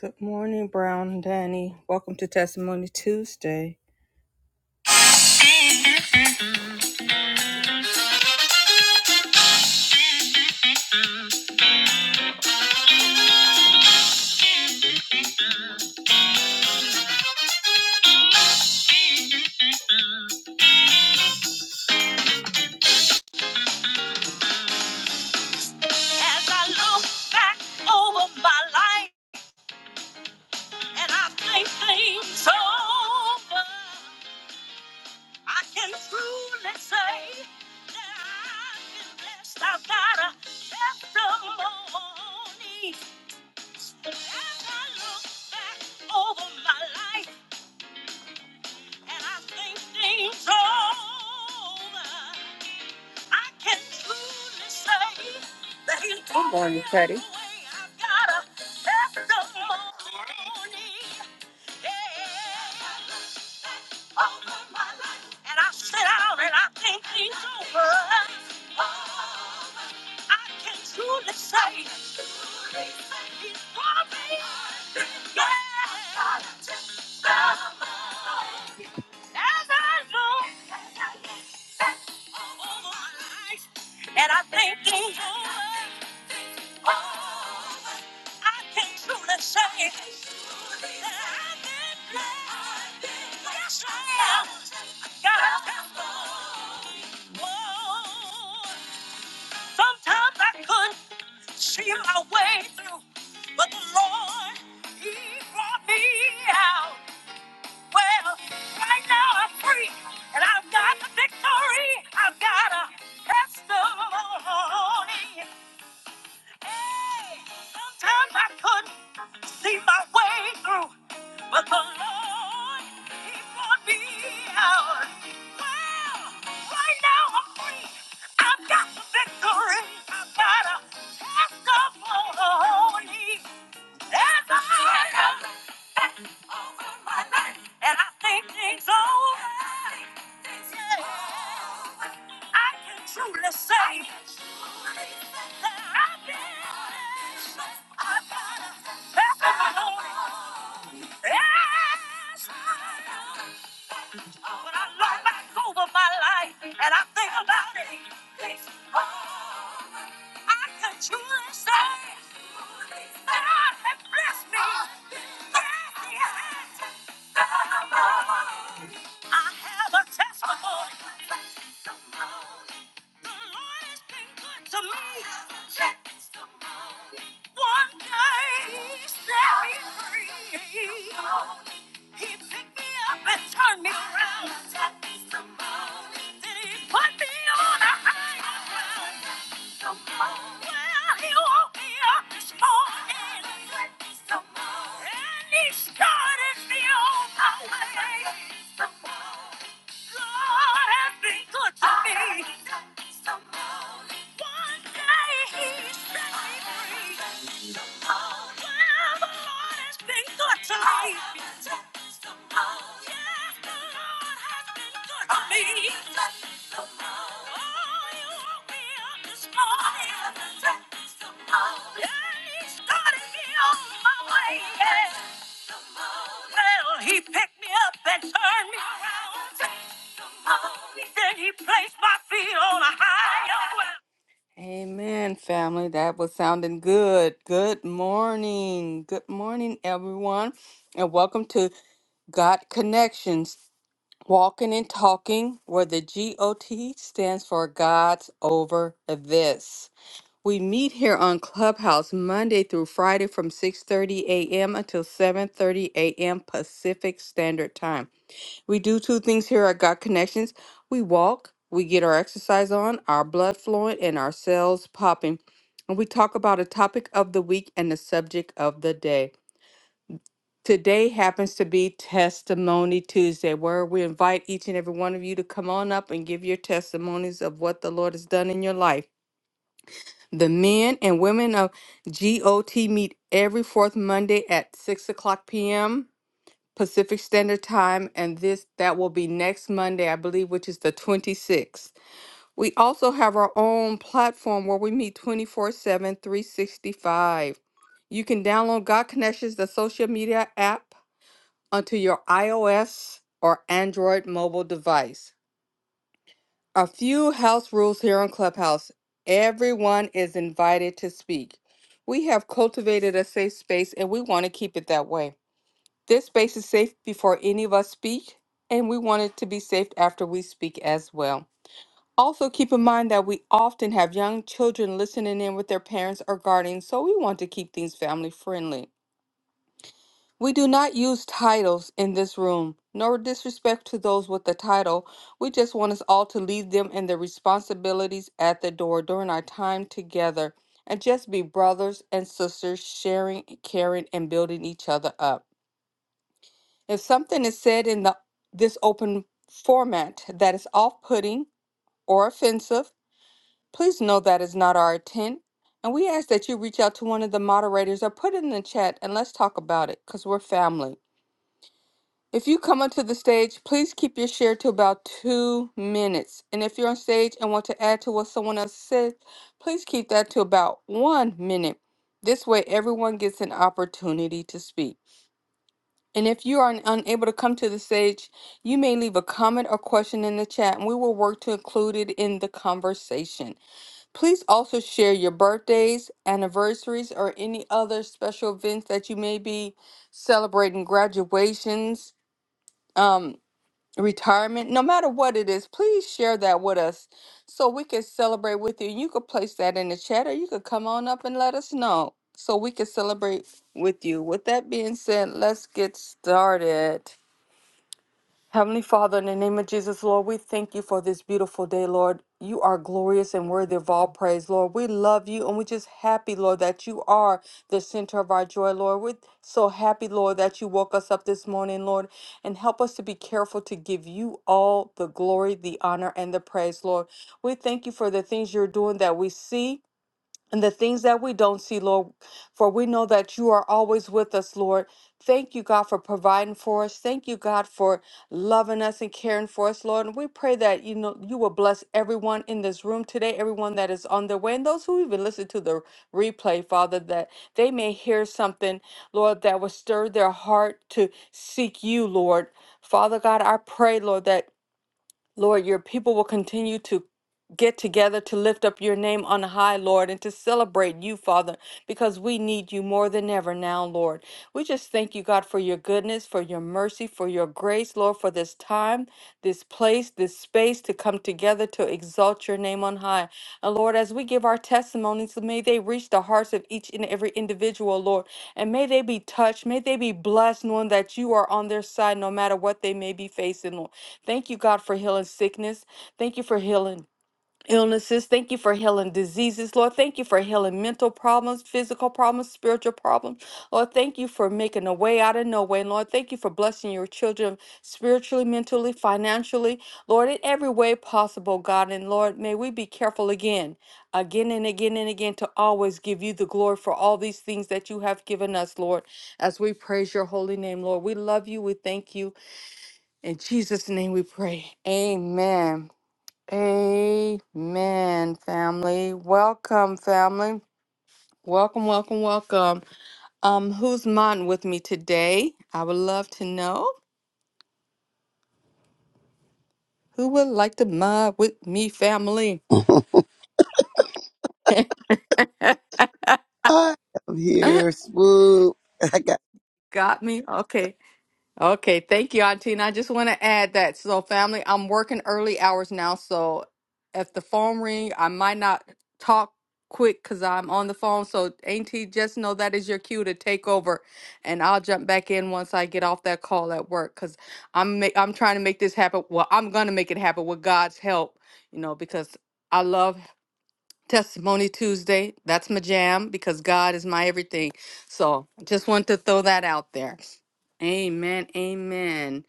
Good morning, Brown and Danny. Welcome to Testimony Tuesday. As I look back over my life and I think things over, I can truly say that I've been blessed. I've got a testimony. As I look back over my life. I think things over. I Good morning, Teddy. yeah, Yeah. As I look over my life and I'm thinking, oh, I can truly say that I've been blessed. Yes, I am. God has done. Whoa. Sometimes I couldn't see my way through, but the Lord, He brought me out. Well, right now I'm free, and I've got the victory. I've got a testimony. Hey, sometimes I couldn't see my way through, but the Lord, He brought me out. Well, right now I'm free. I've got the victory. I've got a testimony. There's a fire over my life, and I think things over. I can truly say I've been blessed. I've got a testimony. Yes. When I look back over my life and I think about it, it's all I can truly say that God has blessed me. Yes, He has. I have a testimony. The Lord has been good to me. One day he set me free. He picked me up and turned me around. Then he put me on a higher ground. Well, he woke me up this morning. And he started me on my way. Lord has been good to me. One day he set me free. Oh, Well, the Lord has been good to me. Yes, the Lord has been good to me. Oh, he woke me up this morning. And he started me on my way. Yeah. Well, he picked me up and turned me around. Then he placed my feet on a higher ground. Amen, family. That was sounding good. Good morning. Good morning, everyone. And welcome to God Connections Walking and Talking, where the GOT stands for God's Over This. We meet here on Clubhouse Monday through Friday from 6:30 a.m. until 7:30 a.m. Pacific Standard Time. We do two things here at Got Connections. We walk, we get our exercise on, our blood flowing, and our cells popping. And we talk about a topic of the week and the subject of the day. Today happens to be Testimony Tuesday, where we invite each and every one of you to come on up and give your testimonies of what the Lord has done in your life. The men and women of GOT meet every fourth Monday at 6 o'clock p.m. Pacific Standard Time, and this that will be next Monday, I believe, which is the 26th. We also have our own platform where we meet twenty-four seven, three sixty-five. You can download God Connections, the social media app, onto your iOS or Android mobile device. A few house rules here on Clubhouse everyone is invited to speak. We have cultivated a safe space and we want to keep it that way. This space is safe before any of us speak, and we want it to be safe after we speak as well. Also, keep in mind that we often have young children listening in with their parents or guardians, so we want to keep things family friendly. We do not use titles in this room, nor disrespect to those with the title. We just want us all to leave them and their responsibilities at the door during our time together and just be brothers and sisters, sharing, caring, and building each other up. If something is said in the, this open format that is off putting or offensive, please know that is not our intent. And we ask that you reach out to one of the moderators or put it in the chat and let's talk about it because we're family. If you come onto the stage, please keep your share to about two minutes. And if you're on stage and want to add to what someone else said, please keep that to about one minute. This way, everyone gets an opportunity to speak. And if you are unable to come to the stage, you may leave a comment or question in the chat and we will work to include it in the conversation. Please also share your birthdays, anniversaries, or any other special events that you may be celebrating, graduations, um, retirement, no matter what it is, please share that with us so we can celebrate with you. You could place that in the chat or you could come on up and let us know so we can celebrate with you. With that being said, let's get started. Heavenly Father, in the name of Jesus, Lord, we thank you for this beautiful day, Lord. You are glorious and worthy of all praise, Lord. We love you and we're just happy, Lord, that you are the center of our joy, Lord. We're so happy, Lord, that you woke us up this morning, Lord, and help us to be careful to give you all the glory, the honor, and the praise, Lord. We thank you for the things you're doing that we see and the things that we don't see, Lord, for we know that you are always with us, Lord. Thank you, God, for providing for us. Thank you, God, for loving us and caring for us, Lord. And we pray that you know you will bless everyone in this room today, everyone that is on their way, and those who even listen to the replay, Father, that they may hear something, Lord, that will stir their heart to seek you, Lord. Father God, I pray, Lord, that Lord, your people will continue to get together to lift up your name on high, Lord, and to celebrate you, Father, because we need you more than ever now, Lord. We just thank you, God, for your goodness, for your mercy, for your grace, Lord, for this time, this place, this space to come together to exalt your name on high. And Lord, as we give our testimonies, may they reach the hearts of each and every individual, Lord, and may they be touched, may they be blessed, knowing that you are on their side no matter what they may be facing, Lord. Thank you, God, for healing sickness. Thank you for healing illnesses. Thank you for healing diseases, Lord. Thank you for healing mental problems, physical problems, spiritual problems. Lord, thank you for making a way out of no way. And Lord, thank you for blessing your children spiritually, mentally, financially, Lord, in every way possible, God. And Lord, may we be careful again, again and again and again to always give you the glory for all these things that you have given us, Lord, as we praise your holy name, Lord. We love you. We thank you. In Jesus' name we pray. Amen. Amen, family. Welcome, family. Welcome, welcome, welcome. Um, who's modding with me today? I would love to know. Who would like to mod with me, family? I am here, swoop. I got Got me? Okay. Okay, thank you, Auntie. And I just want to add that so family, I'm working early hours now, so if the phone ring, I might not talk quick because I'm on the phone. So Auntie, just know that is your cue to take over, and I'll jump back in once I get off that call at work because I'm ma- I'm trying to make this happen. Well, I'm gonna make it happen with God's help, you know, because. I love Testimony Tuesday. That's my jam because God is my everything. So just want to throw that out there. Amen. Amen.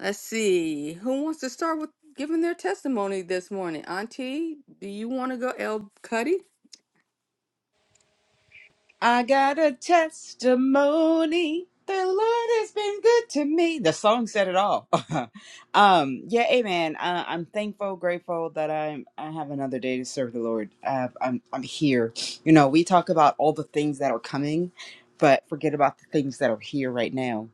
Let's see. Who wants to start with giving their testimony this morning? Auntie, do you want to go, El Cuddy? I got a testimony. The Lord has been good to me. The song said it all. um, yeah, amen. Uh, I'm thankful, grateful that I'm I have another day to serve the Lord. Uh, I'm I'm here. You know, we talk about all the things that are coming, but forget about the things that are here right now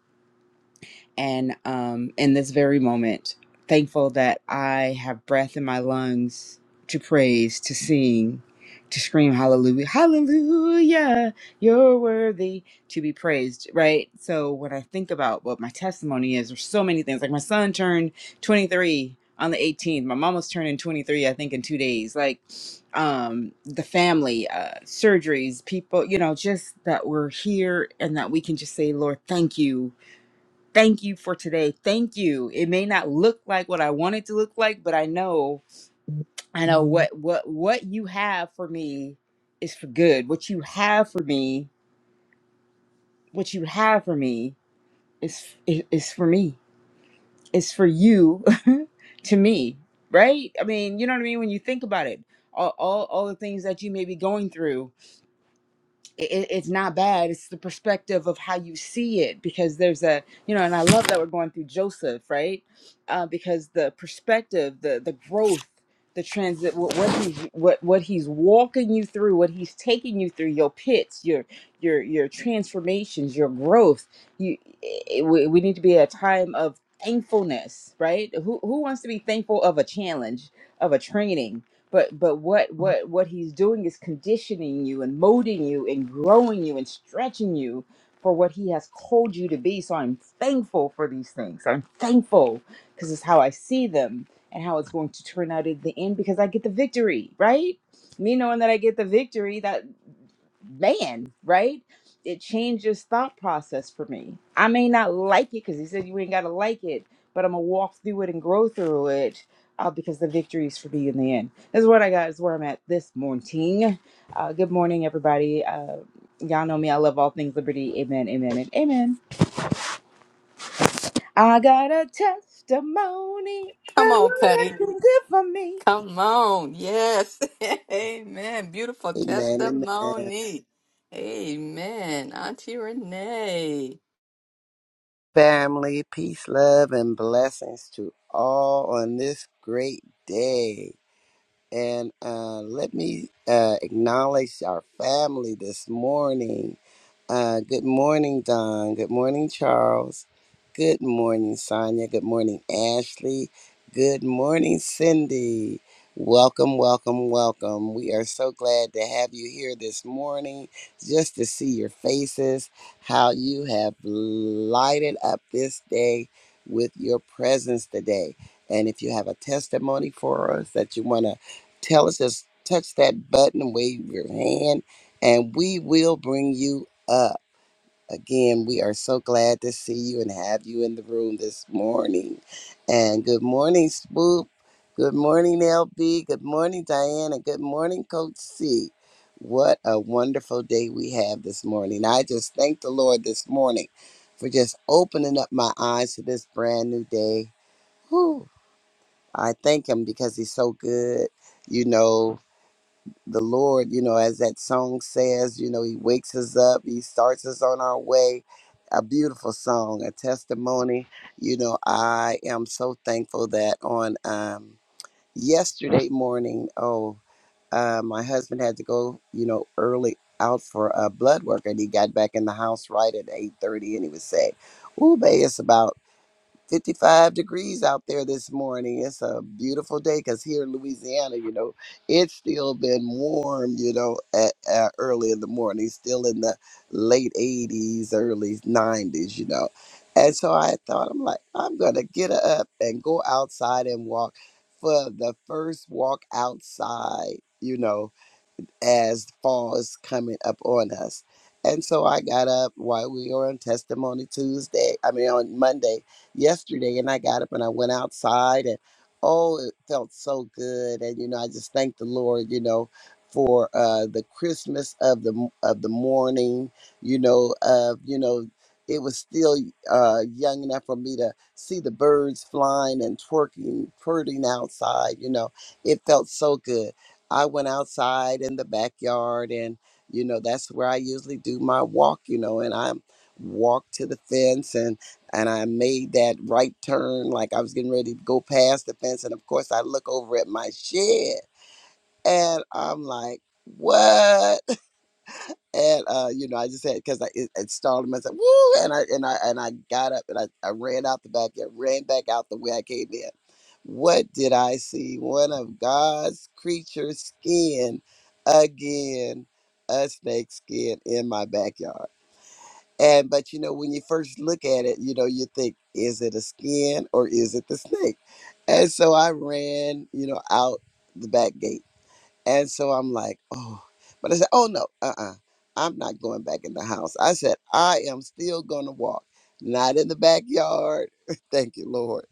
and um, in this very moment, thankful that I have breath in my lungs to praise, to sing, to scream hallelujah, hallelujah, you're worthy to be praised, right? So when I think about what my testimony is, there's so many things. Like my son turned 23 on the 18th. My mom was turning 23, I think, in two days. Like um, the family, uh, surgeries, people, you know, just that we're here and that we can just say, Lord, thank you thank you for today thank you it may not look like what i want it to look like but i know i know what what what you have for me is for good what you have for me what you have for me is i- is for me it's for you to me right i mean you know what i mean when you think about it all all, all the things that you may be going through it, it's not bad. It's the perspective of how you see it because there's a you know, and I love that we're going through Joseph, right? Uh, because the perspective, the the growth, the transit, what, what he's what what he's walking you through, what he's taking you through, your pits, your your your transformations, your growth. You, it, we we need to be at a time of thankfulness, right? Who who wants to be thankful of a challenge, of a training? but but what what what he's doing is conditioning you and molding you and growing you and stretching you for what he has called you to be so i'm thankful for these things i'm thankful because it's how i see them and how it's going to turn out at the end because i get the victory right me knowing that i get the victory that man, right? It changes thought process for me. I may not like it because he said you ain't got to like it, but I'm going to walk through it and grow through it uh, because the victory is for me in the end. This is what I got, is where I'm at this morning. Uh, good morning, everybody. Uh, y'all know me. I love all things liberty. Amen, amen, and amen. I got a testimony. Come The on, Lord Cuddy. has been good for me. Come on. Yes. Amen. Beautiful amen, amen. testimony. Amen. Auntie Renee. Family, peace, love, and blessings to all on this great day. And uh, let me uh, acknowledge our family this morning. Uh, good morning, Don. Good morning, Charles. Good morning, Sonia. Good morning, Ashley. Good morning, Cindy. Welcome, welcome, welcome. We are so glad to have you here this morning just to see your faces, how you have lighted up this day with your presence today. And if you have a testimony for us that you want to tell us, just touch that button, wave your hand, and we will bring you up. Again, we are so glad to see you and have you in the room this morning. And good morning, Swoop. Good morning, LB. Good morning, Diana. Good morning, Coach C. What a wonderful day we have this morning. I just thank the Lord this morning for just opening up my eyes to this brand new day. Whew. I thank Him because He's so good. You know, the Lord, you know, as that song says, you know, He wakes us up, He starts us on our way. A beautiful song, a testimony. You know, I am so thankful that on um, yesterday morning, oh, uh, my husband had to go, you know, early out for a blood work, and he got back in the house right at eight thirty, and he was saying, "Ooh, babe, it's about." 55 degrees out there this morning. It's a beautiful day because here in Louisiana, you know, it's still been warm, you know, at, at early in the morning, still in the late 80s, early 90s, you know. And so I thought, I'm like, I'm going to get up and go outside and walk for the first walk outside, you know, as fall is coming up on us. And so I got up while we were on testimony Tuesday, I mean on Monday yesterday, and I got up and I went outside and oh, it felt so good. And you know, I just thank the Lord, you know, for uh the Christmas of the of the morning, you know, of you know, it was still uh young enough for me to see the birds flying and twerking, flirting outside, you know. It felt so good I went outside in the backyard and you know that's where I usually do my walk, you know, and I walked to the fence and and I made that right turn like I was getting ready to go past the fence and of course I look over at my shed and I'm like, "What?" And uh, you know, I just had because I it, it startled me. I said, "Woo!" And I and I and I got up and I, I ran out the back. I ran back out the way I came in. What did I see? One of God's creatures skin again, a snake skin in my backyard. And but you know, when you first look at it, you know, you think, is it a skin or is it the snake? And so I ran, you know, out the back gate and so I'm like, oh, but I said, oh no, uh uh i am not going back in the house. I said, I am still gonna walk, not in the backyard. Thank you, Lord.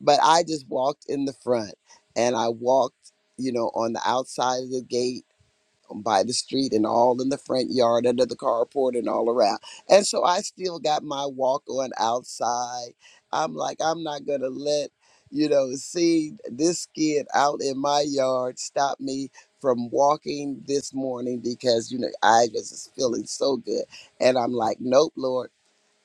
But I just walked in the front and I walked, you know, on the outside of the gate by the street and all in the front yard under the carport and all around. And so I still got my walk on outside. I'm like, I'm not gonna let, you know, see this kid out in my yard stop me from walking this morning because you know I just is feeling so good. And I'm like, nope, Lord.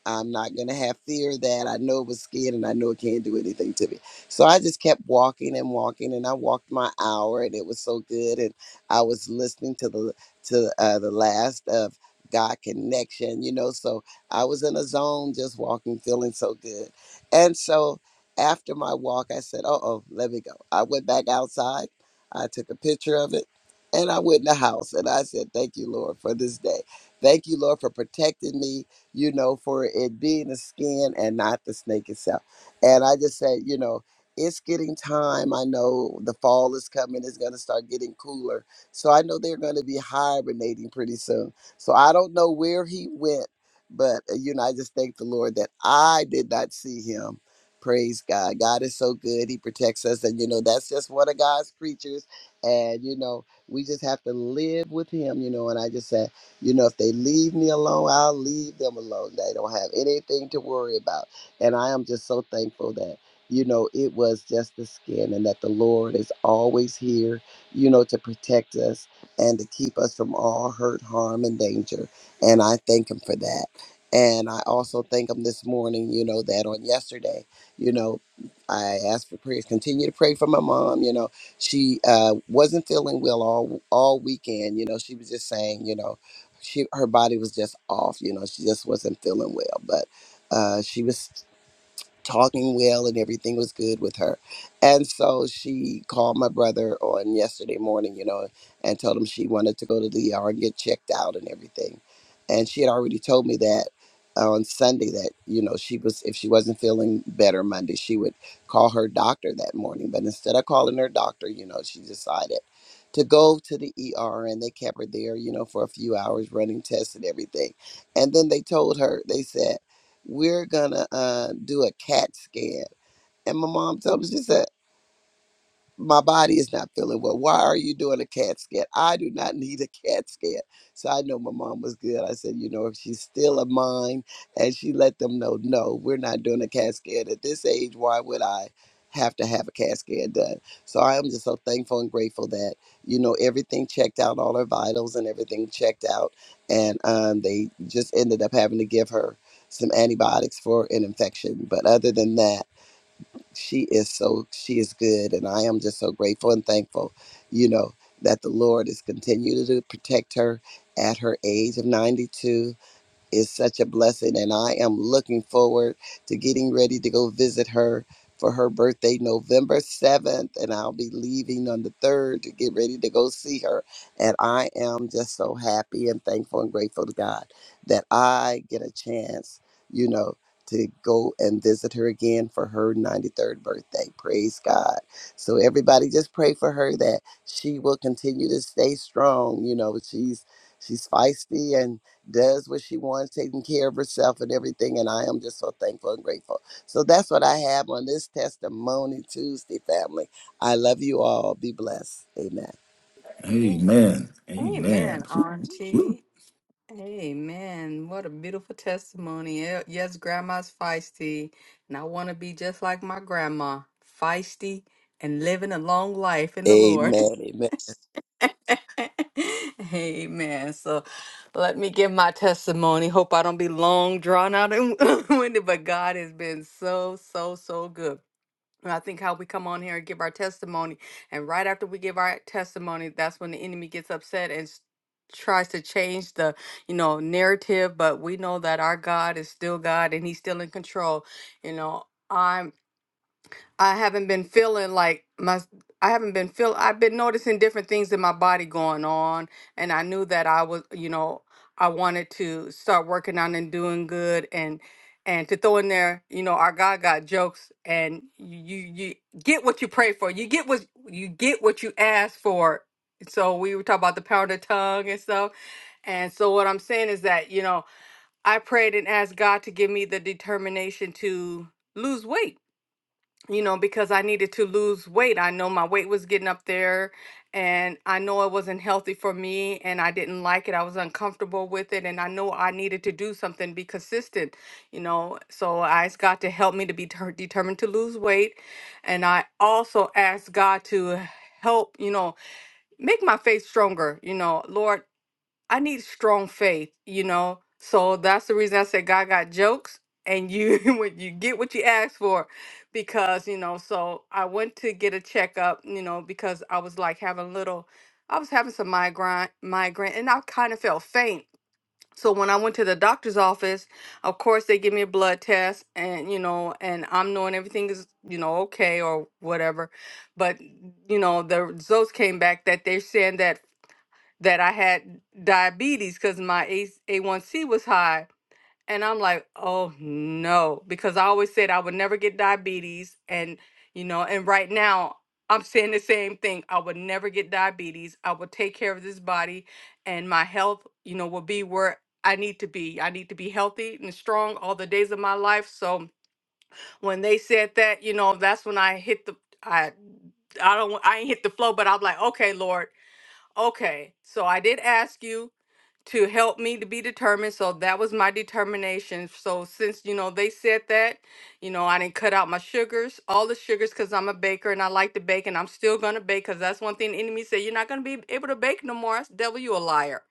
I'm not going to have fear of that. I know it was scared and I know it can't do anything to me. So I just kept walking and walking and I walked my hour and it was so good. And I was listening to the, to uh, the last of God connection, you know, so I was in a zone just walking, feeling so good. And so after my walk, I said, uh oh, let me go. I went back outside. I took a picture of it and I went in the house and I said, thank you, Lord, for this day. Thank you, Lord, for protecting me you know, for it being the skin and not the snake itself. And I just said, you know, it's getting time. I know the fall is coming. It's going to start getting cooler. So I know they're going to be hibernating pretty soon. So I don't know where he went, but, uh, you know, I just thank the Lord that I did not see him. Praise God. God is so good. He protects us. And, you know, that's just one of God's creatures. And, you know, we just have to live with him, you know. And I just said. You know, if they leave me alone, I'll leave them alone. They don't have anything to worry about. And I am just so thankful that, you know, it was just the skin and that the Lord is always here, you know, to protect us and to keep us from all hurt, harm, and danger. And I thank Him for that. And I also thank Him this morning, you know, that on yesterday, you know, I asked for prayers, continue to pray for my mom, you know. She uh, wasn't feeling well all all weekend. You know, she was just saying, you know, she her body was just off you know she just wasn't feeling well but uh she was talking well and everything was good with her. And so she called my brother on yesterday morning, you know, and told him she wanted to go to the ER and get checked out and everything. And she had already told me that on Sunday that, you know, she was if she wasn't feeling better Monday, she would call her doctor that morning. But instead of calling her doctor, you know, she decided to go to the ER and they kept her there, you know, for a few hours running tests and everything. And then they told her, they said we're gonna uh, do a CAT scan. And my mom told me, she said, my body is not feeling well. Why are you doing a CAT scan? I do not need a CAT scan. So I know my mom was good. I said, you know, if she's still of mine, and she let them know, no, we're not doing a CAT scan at this age. Why would I have to have a CAT scan done? So I am just so thankful and grateful that you know everything checked out, all her vitals and everything checked out, and um, they just ended up having to give her some antibiotics for an infection. But other than that she is so she is good and i am just so grateful and thankful you know that the lord is continuing to protect her at her age of 92 is such a blessing and i am looking forward to getting ready to go visit her for her birthday november 7th and i'll be leaving on the 3rd to get ready to go see her and i am just so happy and thankful and grateful to god that i get a chance you know to go and visit her again for her 93rd birthday praise god so everybody just pray for her that she will continue to stay strong you know she's she's feisty and does what she wants, taking care of herself and everything. And I am just so thankful and grateful. So that's what I have on this Testimony Tuesday, family. I love you all. Be blessed. Amen. Amen. Amen, Amen. Woo, woo. Auntie. Amen. What a beautiful testimony. Ye- Yes, grandma's feisty, and I want to be just like my grandma, feisty and living a long life in the Lord. Amen. Amen. Amen. So let me give my testimony. Hope I don't be long, drawn out, and winded, but God has been so, so, so good. And I think how we come on here and give our testimony, and right after we give our testimony, that's when the enemy gets upset and s- tries to change the, you know, narrative. But we know that our God is still God, and He's still in control. You know, I'm. I haven't been feeling like my I haven't been feel I've been noticing different things in my body going on and I knew that I was, you know, I wanted to start working on and doing good and and to throw in there, you know, our God got jokes and you you get what you pray for. You get what you get what you ask for. So we were talking about the power of the tongue and stuff. And so what I'm saying is that, you know, I prayed and asked God to give me the determination to lose weight you know, because I needed to lose weight. I know my weight was getting up there and I know it wasn't healthy for me and I didn't like it. I was uncomfortable with it and I know I needed to do something be consistent, you know. So I asked God to help me to be ter- determined to lose weight and I also asked God to help, you know, make my faith stronger, you know. Lord, I need strong faith, you know. So that's the reason I said God got jokes, and you when you get what you ask for, because you know. So I went to get a checkup, you know, because I was like having little, I was having some migraine, migraine, and I kind of felt faint. So when I went to the doctor's office, of course they give me a blood test, and you know, and I'm knowing everything is you know okay or whatever, but you know the results came back that they're saying that that I had diabetes because my A- A1C was high. And I'm like, oh no, because I always said I would never get diabetes. And, you know, and right now I'm saying the same thing. I would never get diabetes. I would take care of this body and my health, you know, will be where I need to be. I need to be healthy and strong all the days of my life. So when they said that, you know, that's when I hit the, I, I don't, I ain't hit the flow, but I'm like, okay, Lord, Okay, so I did ask you to help me to be determined. So that was my determination. So since you know they said that, you know, I didn't cut out my sugars, all the sugars, because I'm a baker and I like to bake, and I'm still gonna bake because that's one thing the enemy said you're not gonna be able to bake no more. That's devil, you a liar.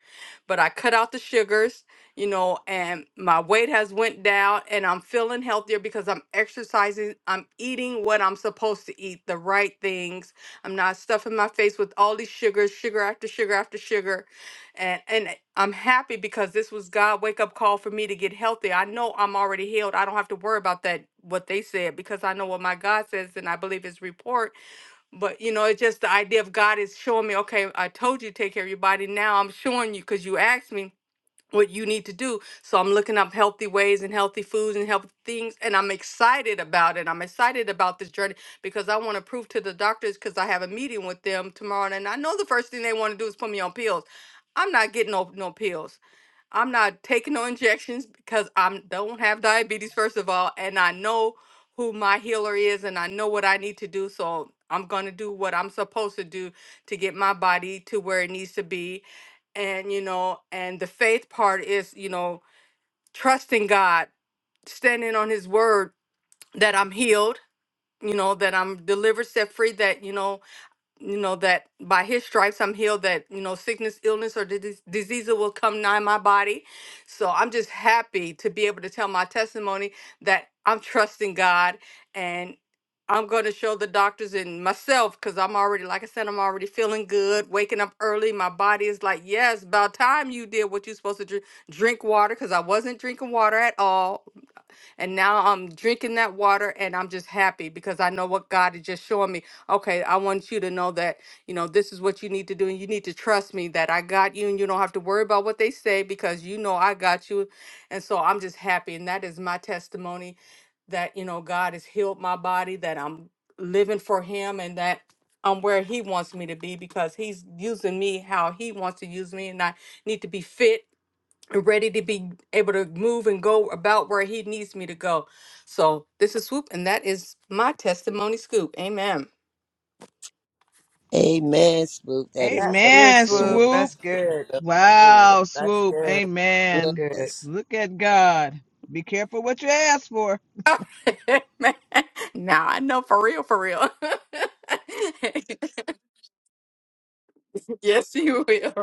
But I cut out the sugars, you know, and my weight has went down, and I'm feeling healthier because I'm exercising. I'm eating what I'm supposed to eat, the right things I'm not stuffing my face with all these sugars, sugar after sugar after sugar. And and I'm happy because this was God wake up call for me to get healthy. I know I'm already healed. I don't have to worry about that what they said because I know what my God says and I believe his report. But you know, it's just the idea of God is showing me, okay, I told you to take care of your body. Now I'm showing you because you asked me what you need to do. So I'm looking up healthy ways and healthy foods and healthy things, and I'm excited about it. I'm excited about this journey because I want to prove to the doctors because I have a meeting with them tomorrow, and I know the first thing they want to do is put me on pills. I'm not getting no no pills. I'm not taking no injections because I don't have diabetes first of all, and I know who my healer is, and I know what I need to do. So I'm gonna do what I'm supposed to do to get my body to where it needs to be and you know and the faith part is you know trusting god standing on his word that i'm healed you know that i'm delivered set free that you know you know that by his stripes i'm healed that you know sickness illness or dis- disease will come nigh my body so i'm just happy to be able to tell my testimony that i'm trusting god and i'm going to show the doctors and myself because i'm already like i said i'm already feeling good waking up early my body is like yes about time you did what you're supposed to drink drink water because i wasn't drinking water at all and now I'm drinking that water and I'm just happy because I know what God is just showing me. Okay, I want you to know that, you know, this is what you need to do. And you need to trust me that I got you and you don't have to worry about what they say because you know I got you. And so I'm just happy. And that is my testimony that, you know, God has healed my body, that I'm living for Him and that I'm where He wants me to be because He's using me how He wants to use me. And I need to be fit ready to be able to move and go about where he needs me to go. So this is Swoop, and that is my testimony scoop. Amen. Amen, Spook. That is That's so good, Amen, Swoop. good. Swoop. That's It's good. so good. Wow, That's Swoop. good. That's Amen. good. Yes. Look at God. Be careful what you ask for. Man, nah, I know for real, for real. yes, you will.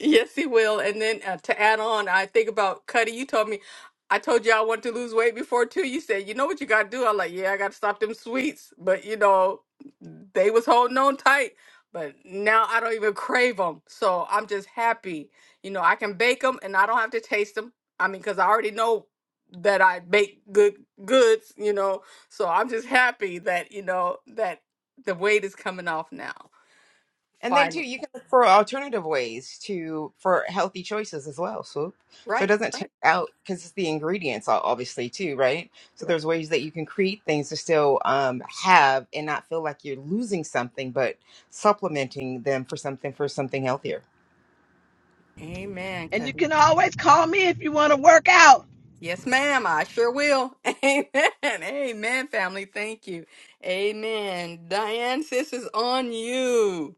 Yes, he will. And then uh, to add on, I think about Cuddy. You told me, I told you I want to lose weight before too. You said, you know what you got to do? I'm like, yeah, I got to stop them sweets. But you know, they was holding on tight. But now I don't even crave them. So I'm just happy. You know, I can bake them and I don't have to taste them. I mean, because I already know that I bake good goods, you know. So I'm just happy that, you know, that the weight is coming off now. And then too, Finally. you can look for alternative ways to for healthy choices as well. So, so it Right. doesn't take Right. out because it's the ingredients, o- obviously too, right? So right. there's ways that you can create things to still um, have and not feel like you're losing something, but supplementing them for something for something healthier. Amen, And you Cuddy. can always call me if you want to work out. Yes, ma'am. I sure will. Amen. Amen, family. Thank you. Amen. Diane, sis is on you.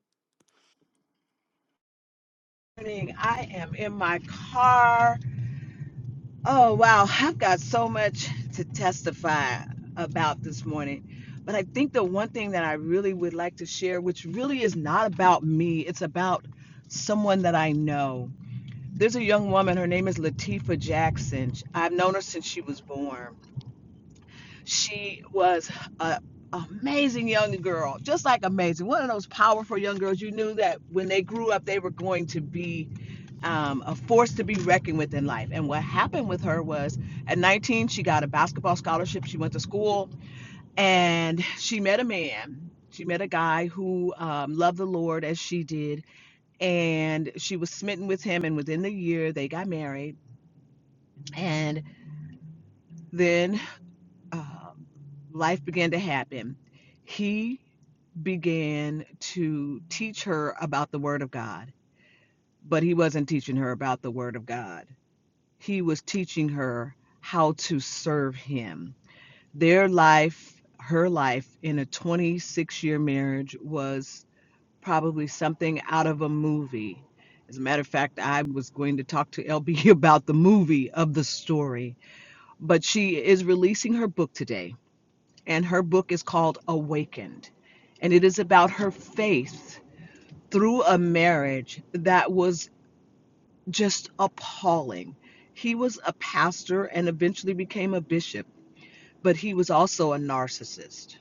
Morning, I am in my car. Oh, wow. I've got so much to testify about this morning. But I think the one thing that I really would like to share, which really is not about me, it's about someone that I know. There's a young woman, her name is Latifah Jackson. I've known her since she was born. She was a amazing young girl, just like amazing. One of those powerful young girls you knew that when they grew up, they were going to be um, a force to be reckoned with in life. And what happened with her was at 19, she got a basketball scholarship. She went to school and she met a man. She met a guy who um, loved the Lord as she did. And she was smitten with him. And within the year, they got married And then um, life began to happen. He began to teach her about the Word of God, but he wasn't teaching her about the Word of God. He was teaching her how to serve him. Their life, her life in a 26 year marriage was probably something out of a movie. As a matter of fact, I was going to talk to LB about the movie of the story, but she is releasing her book today and her book is called Awakened. And it is about her faith through a marriage that was just appalling. He was a pastor and eventually became a bishop, but he was also a narcissist.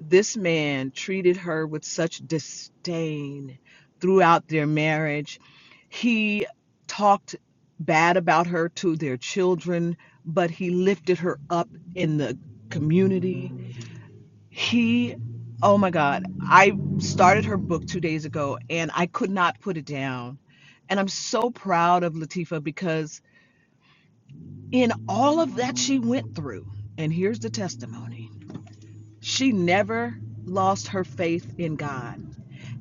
This man treated her with such disdain throughout their marriage. He talked bad about her to their children, but he lifted her up in the community He, oh my God, I started her book two days ago and I could not put it down. And I'm so proud of Latifa because in all of that she went through, and here's the testimony she never lost her faith in God.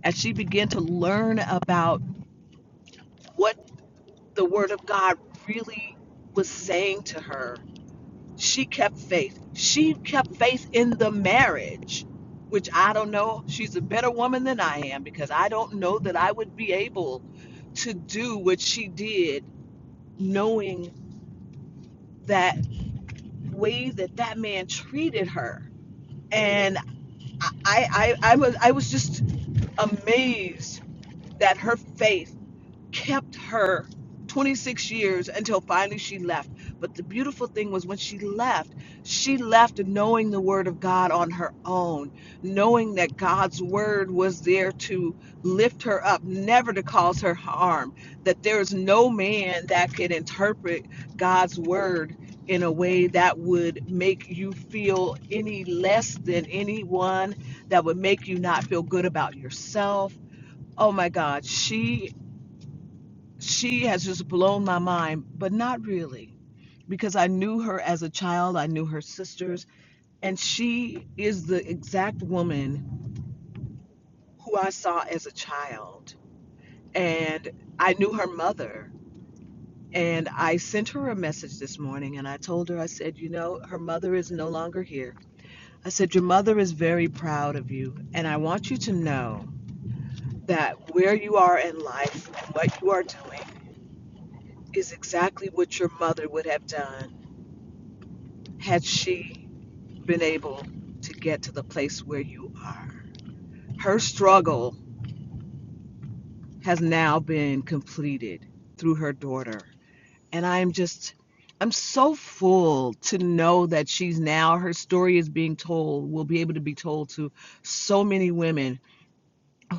As she began to learn about what the Word of God really was saying to her, She kept faith. She kept faith in the marriage, which I don't know. She's a better woman than I am because I don't know that I would be able to do what she did, knowing that way that that man treated her. And I, I, I was, I was just amazed that her faith kept her 26 years until finally she left. But the beautiful thing was when she left, she left knowing the word of God on her own, knowing that God's word was there to lift her up, never to cause her harm, that there is no man that can interpret God's word in a way that would make you feel any less than anyone, that would make you not feel good about yourself. Oh my God, she she has just blown my mind, but not really, because I knew her as a child, I knew her sisters, and she is the exact woman who I saw as a child. And I knew her mother. And I sent her a message this morning and I told her, I said, you know, her mother is no longer here. I said, your mother is very proud of you. And I want you to know that where you are in life and what you are doing is exactly what your mother would have done had she been able to get to the place where you are. Her struggle has now been completed through her daughter. And I'm just, I'm so full to know that she's now, her story is being told, will be able to be told to so many women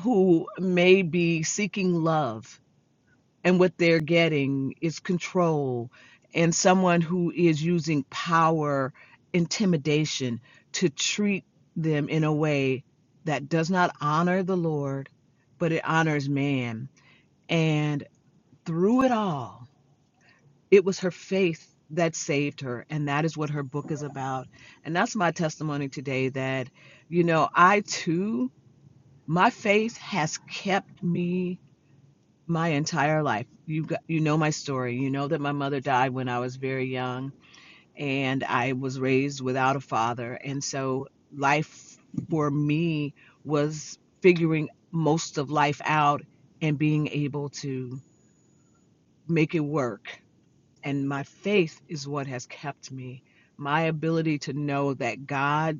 who may be seeking love and what they're getting is control and someone who is using power intimidation to treat them in a way that does not honor the lord but it honors man and through it all it was her faith that saved her and that is what her book is about and that's my testimony today that you know i too my faith has kept me my entire life. You got, you know my story. You know that my mother died when I was very young and I was raised without a father. And so life for me was figuring most of life out and being able to make it work and my faith is what has kept me. My ability to know that God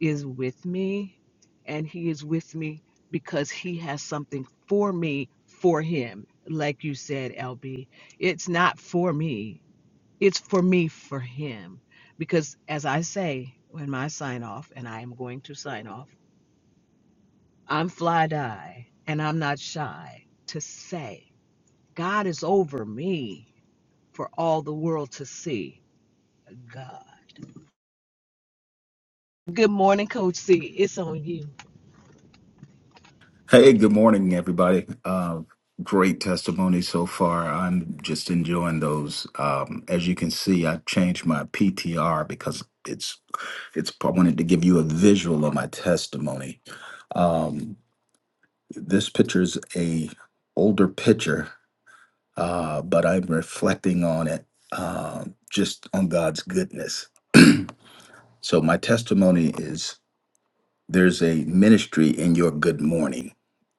is with me and He is with me because He has something for me for Him. Like you said, LB, it's not for me, it's for me for Him. Because as I say, when I sign off, and I am going to sign off, I'm fly die and I'm not shy to say, God is over me for all the world to see. God. Good morning, Coach C. It's on you. Hey, good morning, everybody. Uh, great testimony so far. I'm just enjoying those. Um, as you can see, I changed my PTR because it's it's. I wanted to give you a visual of my testimony. Um, this picture's a older picture, uh, but I'm reflecting on it, uh, just on God's goodness. So my testimony is. There's a ministry in your good morning.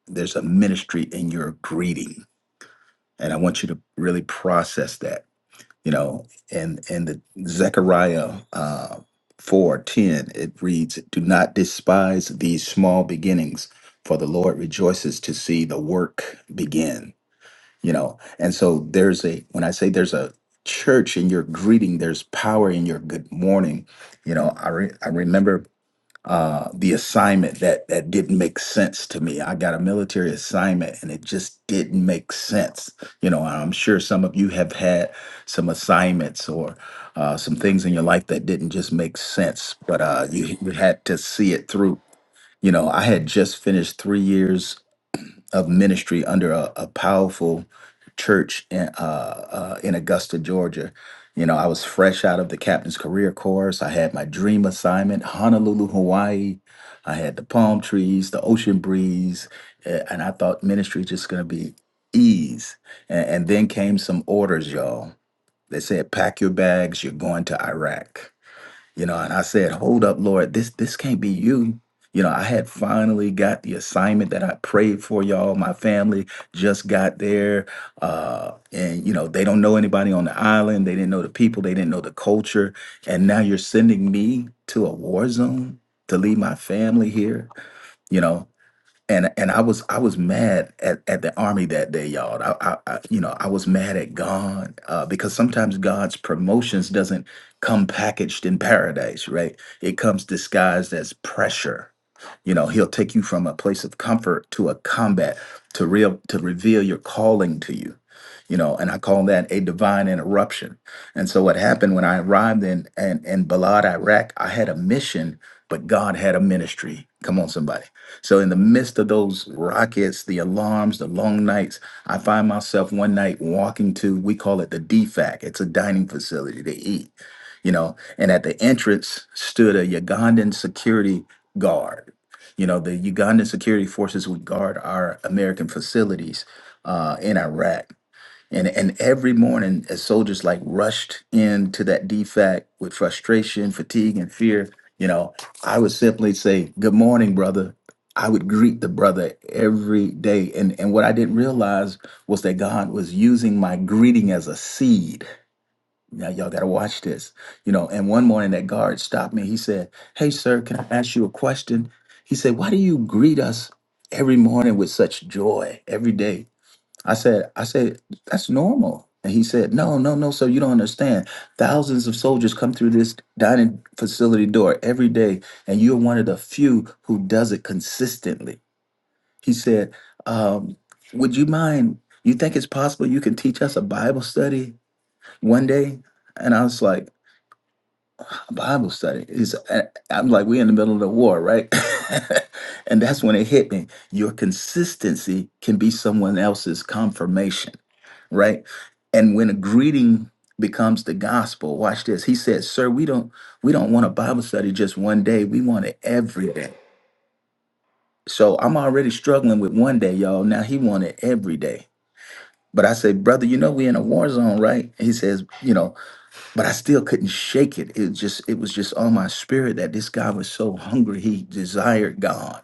There's a ministry in your greeting. And I want you to really process that. You know, and and the Zechariah uh four ten, it reads, Do not despise these small beginnings, for the Lord rejoices to see the work begin. You know, and so there's a when I say there's a church in your greeting, there's power in your good morning. You know, I re- I remember uh, the assignment that that didn't make sense to me. I got a military assignment and it just didn't make sense. You know, I'm sure some of you have had some assignments or uh, some things in your life that didn't just make sense, but uh, you, you had to see it through. You know, I had just finished three years of ministry under a, a powerful church in, uh, uh, in Augusta, Georgia. You know, I was fresh out of the captain's career course. I had my dream assignment, Honolulu, Hawaii. I had the palm trees, the ocean breeze, a- and I thought ministry just going to be ease. And, and then came some orders, y'all. They said, pack your bags, you're going to Iraq you know and i said hold up lord this this can't be you you know i had finally got the assignment that i prayed for y'all my family just got there uh and you know they don't know anybody on the island they didn't know the people they didn't know the culture and now you're sending me to a war zone to leave my family here you know and and I was I was mad at, at the army that day, y'all. I, I, I you know I was mad at God uh, because sometimes God's promotions doesn't come packaged in paradise, right? It comes disguised as pressure you know, he'll take you from a place of comfort to a combat to real to reveal your calling to you. You know, and I call that a divine interruption. And so what happened when I arrived in in, in Balad, Iraq, I had a mission, but God had a ministry. Come on, somebody. So in the midst of those rockets, the alarms, the long nights, I find myself one night walking to, we call it the DFAC. It's a dining facility to eat, you know, and at the entrance stood a Ugandan security guard you know, the Ugandan security forces would guard our American facilities uh, in Iraq. And, and every morning, as soldiers like rushed into that defect with frustration, fatigue, and fear, you know, I would simply say, Good morning, brother. I would greet the brother every day. And, and what I didn't realize was that God was using my greeting as a seed now y'all gotta watch this. You know, and one morning that guard stopped me. He said, Hey sir, can I ask you a question? He said, Why do you greet us every morning with such joy every day? I said, I said, that's normal. And he said, No, no, no, sir, you don't understand. Thousands of soldiers come through this dining facility door every day, and you're one of the few who does it consistently. He said, um, would you mind? You think it's possible you can teach us a Bible study one day? And I was like, Bible study. It's, I- I'm like, we're in the middle of the war, right? and that's when it hit me. Your consistency can be someone else's confirmation, right? And when a greeting becomes the gospel, watch this. He said, "Sir, we don't we don't want a Bible study just one day. We want it every day." So I'm already struggling with one day, y'all. Now he wanted every day. But I say, brother, you know we in a war zone, right? He says, you know, but I still couldn't shake it. It just it was just on my spirit that this guy was so hungry he desired God,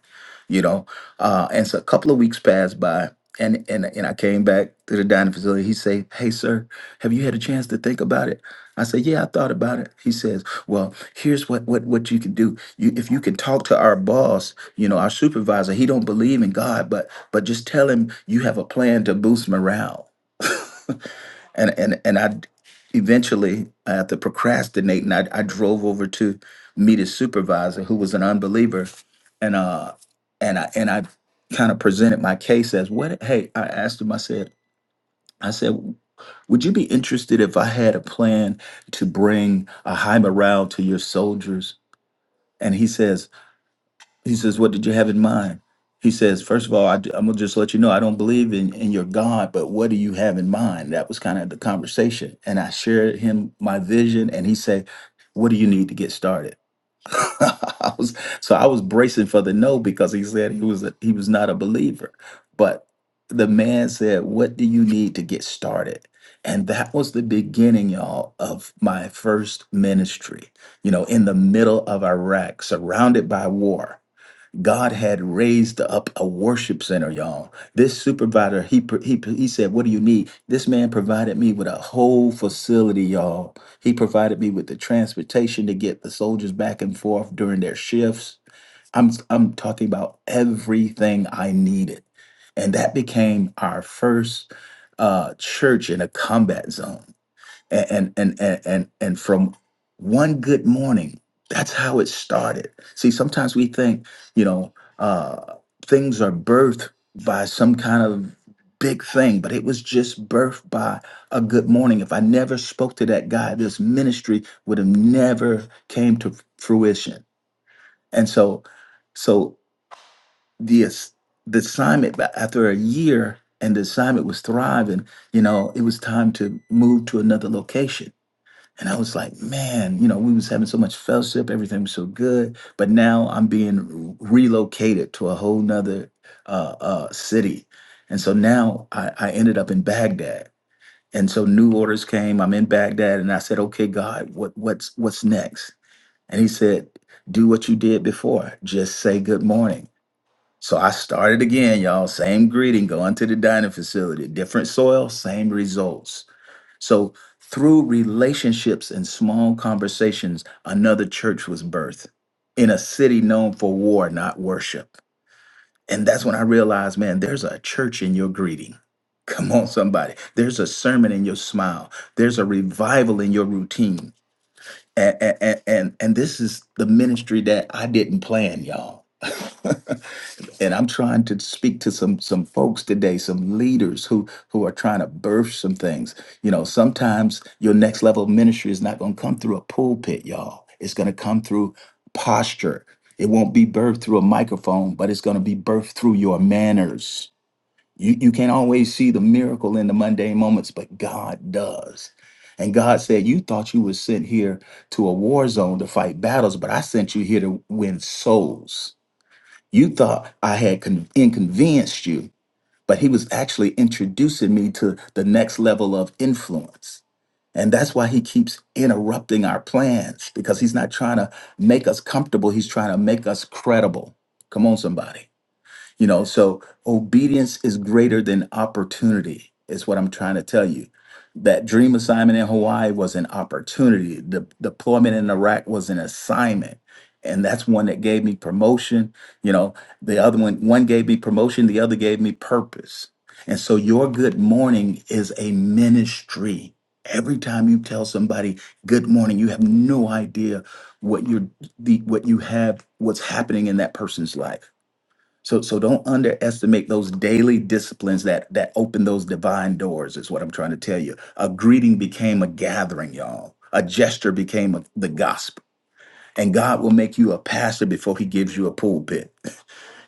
you know. Uh, and so a couple of weeks passed by, and and and I came back to the dining facility. He say, "Hey, sir, have you had a chance to think about it?" I said, "Yeah, I thought about it." He says, "Well, here's what what what you can do. You if you can talk to our boss, you know, our supervisor. He don't believe in God, but but just tell him you have a plan to boost morale." and and and I eventually after procrastinating, I, I drove over to meet his supervisor, who was an unbeliever, and uh and I and I kind of presented my case as what hey I asked him I said I said would you be interested if I had a plan to bring a high morale to your soldiers and he says he says, What did you have in mind? He says, "First of all, I, am going to just let you know I don't believe in, in your God, but what do you have in mind? That was kind of the conversation. And I shared him my vision, and he said, What do you need to get started? I was, so I was bracing for the no because he said he was a, he was not a believer. But the man said, What do you need to get started? And that was the beginning, y'all, of my first ministry, you know, in the middle of Iraq, surrounded by war God had raised up a worship center, y'all. This supervisor, he pr- he he said, "What do you need?" This man provided me with a whole facility, y'all. He provided me with the transportation to get the soldiers back and forth during their shifts. I'm I'm talking about everything I needed, and that became our first uh, church in a combat zone and and and and and from one good morning that's how it started see sometimes we think you know uh things are birthed by some kind of big thing but it was just birthed by a good morning if i never spoke to that guy this ministry would have never came to fruition and so so the ass- the assignment but after a year and the assignment was thriving you know it was time to move to another location and I was like, man, you know, we was having so much fellowship, everything was so good, but now I'm being relocated to a whole nother uh, uh, city, and so now I, I ended up in Baghdad, and so new orders came. I'm in Baghdad, and I said, okay, God, what what's what's next? And He said, do what you did before, just say good morning. So I started again, y'all. Same greeting, going to the dining facility, different soil, same results so, through relationships and small conversations, another church was birthed in a city known for war, not worship. And that's when I realized, man, there's a church in your greeting. Come on, somebody. There's a sermon in your smile. There's a revival in your routine. And and and, and this is the ministry that I didn't plan, y'all. and I'm trying to speak to some some folks today, some leaders who who are trying to birth some things. You know, sometimes your next level of ministry is not going to come through a pulpit, y'all. It's going to come through posture. It won't be birthed through a microphone, but it's going to be birthed through your manners. You you can't always see the miracle in the mundane moments, but God does. And God said, "You thought you were sent here to a war zone to fight battles, but I sent you here to win souls." You thought I had con- inconvenienced you, but he was actually introducing me to the next level of influence. And that's why he keeps interrupting our plans because he's not trying to make us comfortable. He's trying to make us credible. Come on, somebody. You know, so obedience is greater than opportunity, is what I'm trying to tell you. That dream assignment in Hawaii was an opportunity. The deployment in Iraq was an assignment. And that's one that gave me promotion. You know, the other one, one gave me promotion, the other gave me purpose. And so your good morning is a ministry. Every time you tell somebody good morning, you have no idea what you're the what you have, what's happening in that person's life so so don't underestimate those daily disciplines that that open those divine doors is what I'm trying to tell you. A greeting became a gathering, y'all. A gesture became a, the gospel. And God will make you a pastor before he gives you a pulpit.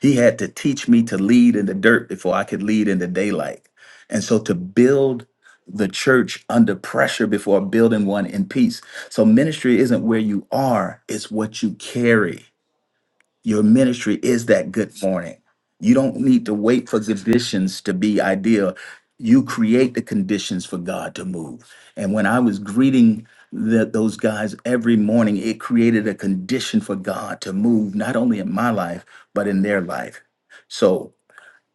He had to teach me to lead in the dirt before I could lead in the daylight. And so to build the church under pressure before building one in peace. So ministry isn't where you are, it's what you carry. Your ministry is that good morning. You don't need to wait for conditions to be ideal. You create the conditions for God to move. And when I was greeting the, those guys every morning, it created a condition for God to move, not only in my life, but in their life. So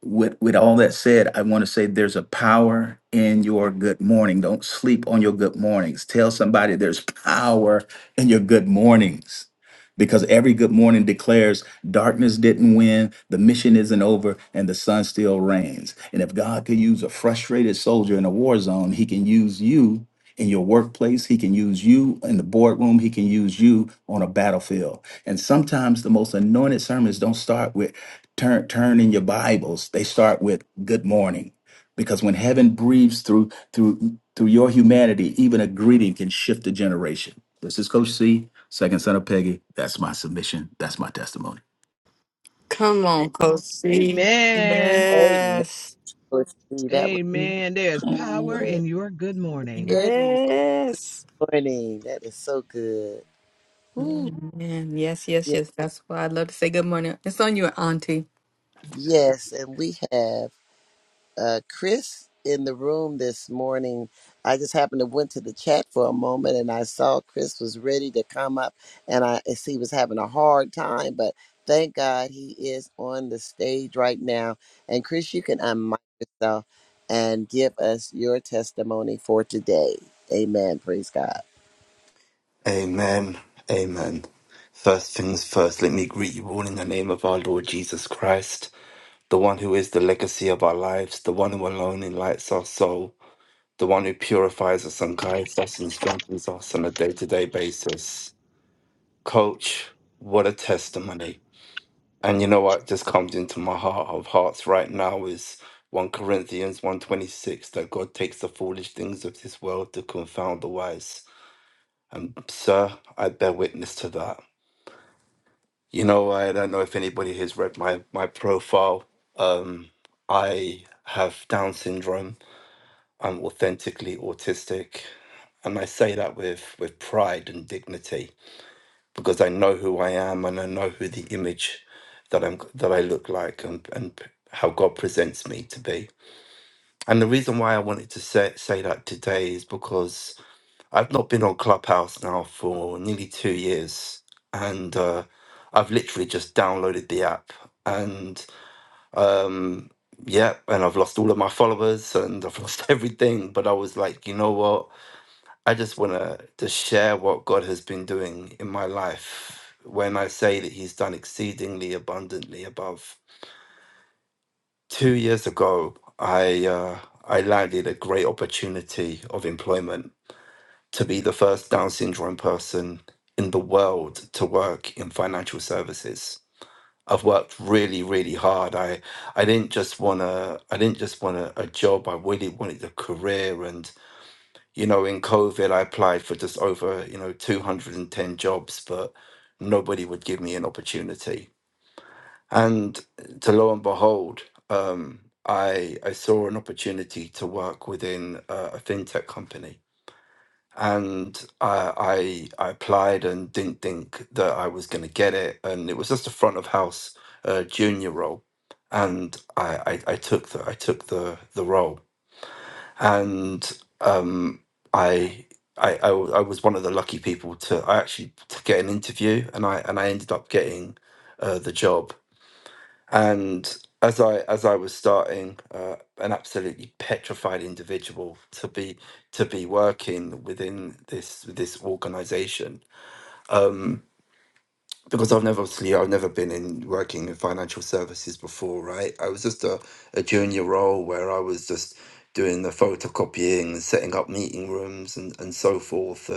with with all that said, I want to say there's a power in your good morning. Don't sleep on your good mornings. Tell somebody there's power in your good mornings. Because every good morning declares darkness didn't win, the mission isn't over, and the sun still reigns. And if God could use a frustrated soldier in a war zone, he can use you in your workplace, he can use you in the boardroom, he can use you on a battlefield. And sometimes the most anointed sermons don't start with turn turn in your bibles they start with good morning because when heaven breathes through through through your humanity even a greeting can shift a generation this is coach c second son of peggy that's my submission that's my testimony Come on, Coach C. Amen. Amen. Yes. See, that was Amen. There's power good. in your good morning. Good Yes. morning. That is so good. Ooh, Amen. Yes, yes, ye- yes. That's why I'd love to say good morning. It's on you, Auntie. yes. And we have. uh, Chris in the room this morning. I just happened to went to the chat for a moment and I saw Chris was ready to come up and I as he was having a hard time, but thank God he is on the stage right now. And Chris, you can unmic yourself and give us your testimony for today. Amen. Praise God. Amen. Amen. First things first, let me greet you all in the name of our Lord Jesus Christ, the one who is the legacy of our lives, the one who alone enlightens our soul, the one who purifies us and guides us and strengthens us on a day to day basis. Coach, what a testimony. And you know what just comes into my heart of hearts right now is 1 Corinthians 126 that God takes the foolish things of this world to confound the wise. Sir, I bear witness to that. You know, I don't know if anybody has read my my profile. Um, I have Down syndrome. I'm authentically autistic, and I say that with with pride and dignity because I know who I am and I know who the image that I'm that I look like and and how God presents me to be. And the reason why I wanted to say say that today is because I've not been on Clubhouse now for nearly two years, and uh, I've literally just downloaded the app, and um, yeah, and I've lost all of my followers and I've lost everything. But I was like, you know what? I just want to to share what God has been doing in my life. When I say that He's done exceedingly abundantly above, two years ago, I uh, I landed a great opportunity of employment to be the first Down syndrome person in the world to work in financial services. I've worked really, really hard. I, I didn't just want to. I didn't just want a, a job. I really wanted a career. And you know, in COVID, I applied for just over you know 210 jobs, but nobody would give me an opportunity. And to lo and behold, um, I I saw an opportunity to work within a, a fintech company and I, I I applied and didn't think that I was going to get it, and it was just a front of house uh, junior role, and I, I I took the I took the the role, and um I. I, I, w- I was one of the lucky people to I actually to get an interview and I and I ended up getting uh, the job and as I as I was starting, uh, an absolutely petrified individual to be to be working within this this organization, um, because I've never obviously I've never been in working in financial services before, right? I was just a, a junior role where I was just doing the photocopying and setting up meeting rooms and, and so forth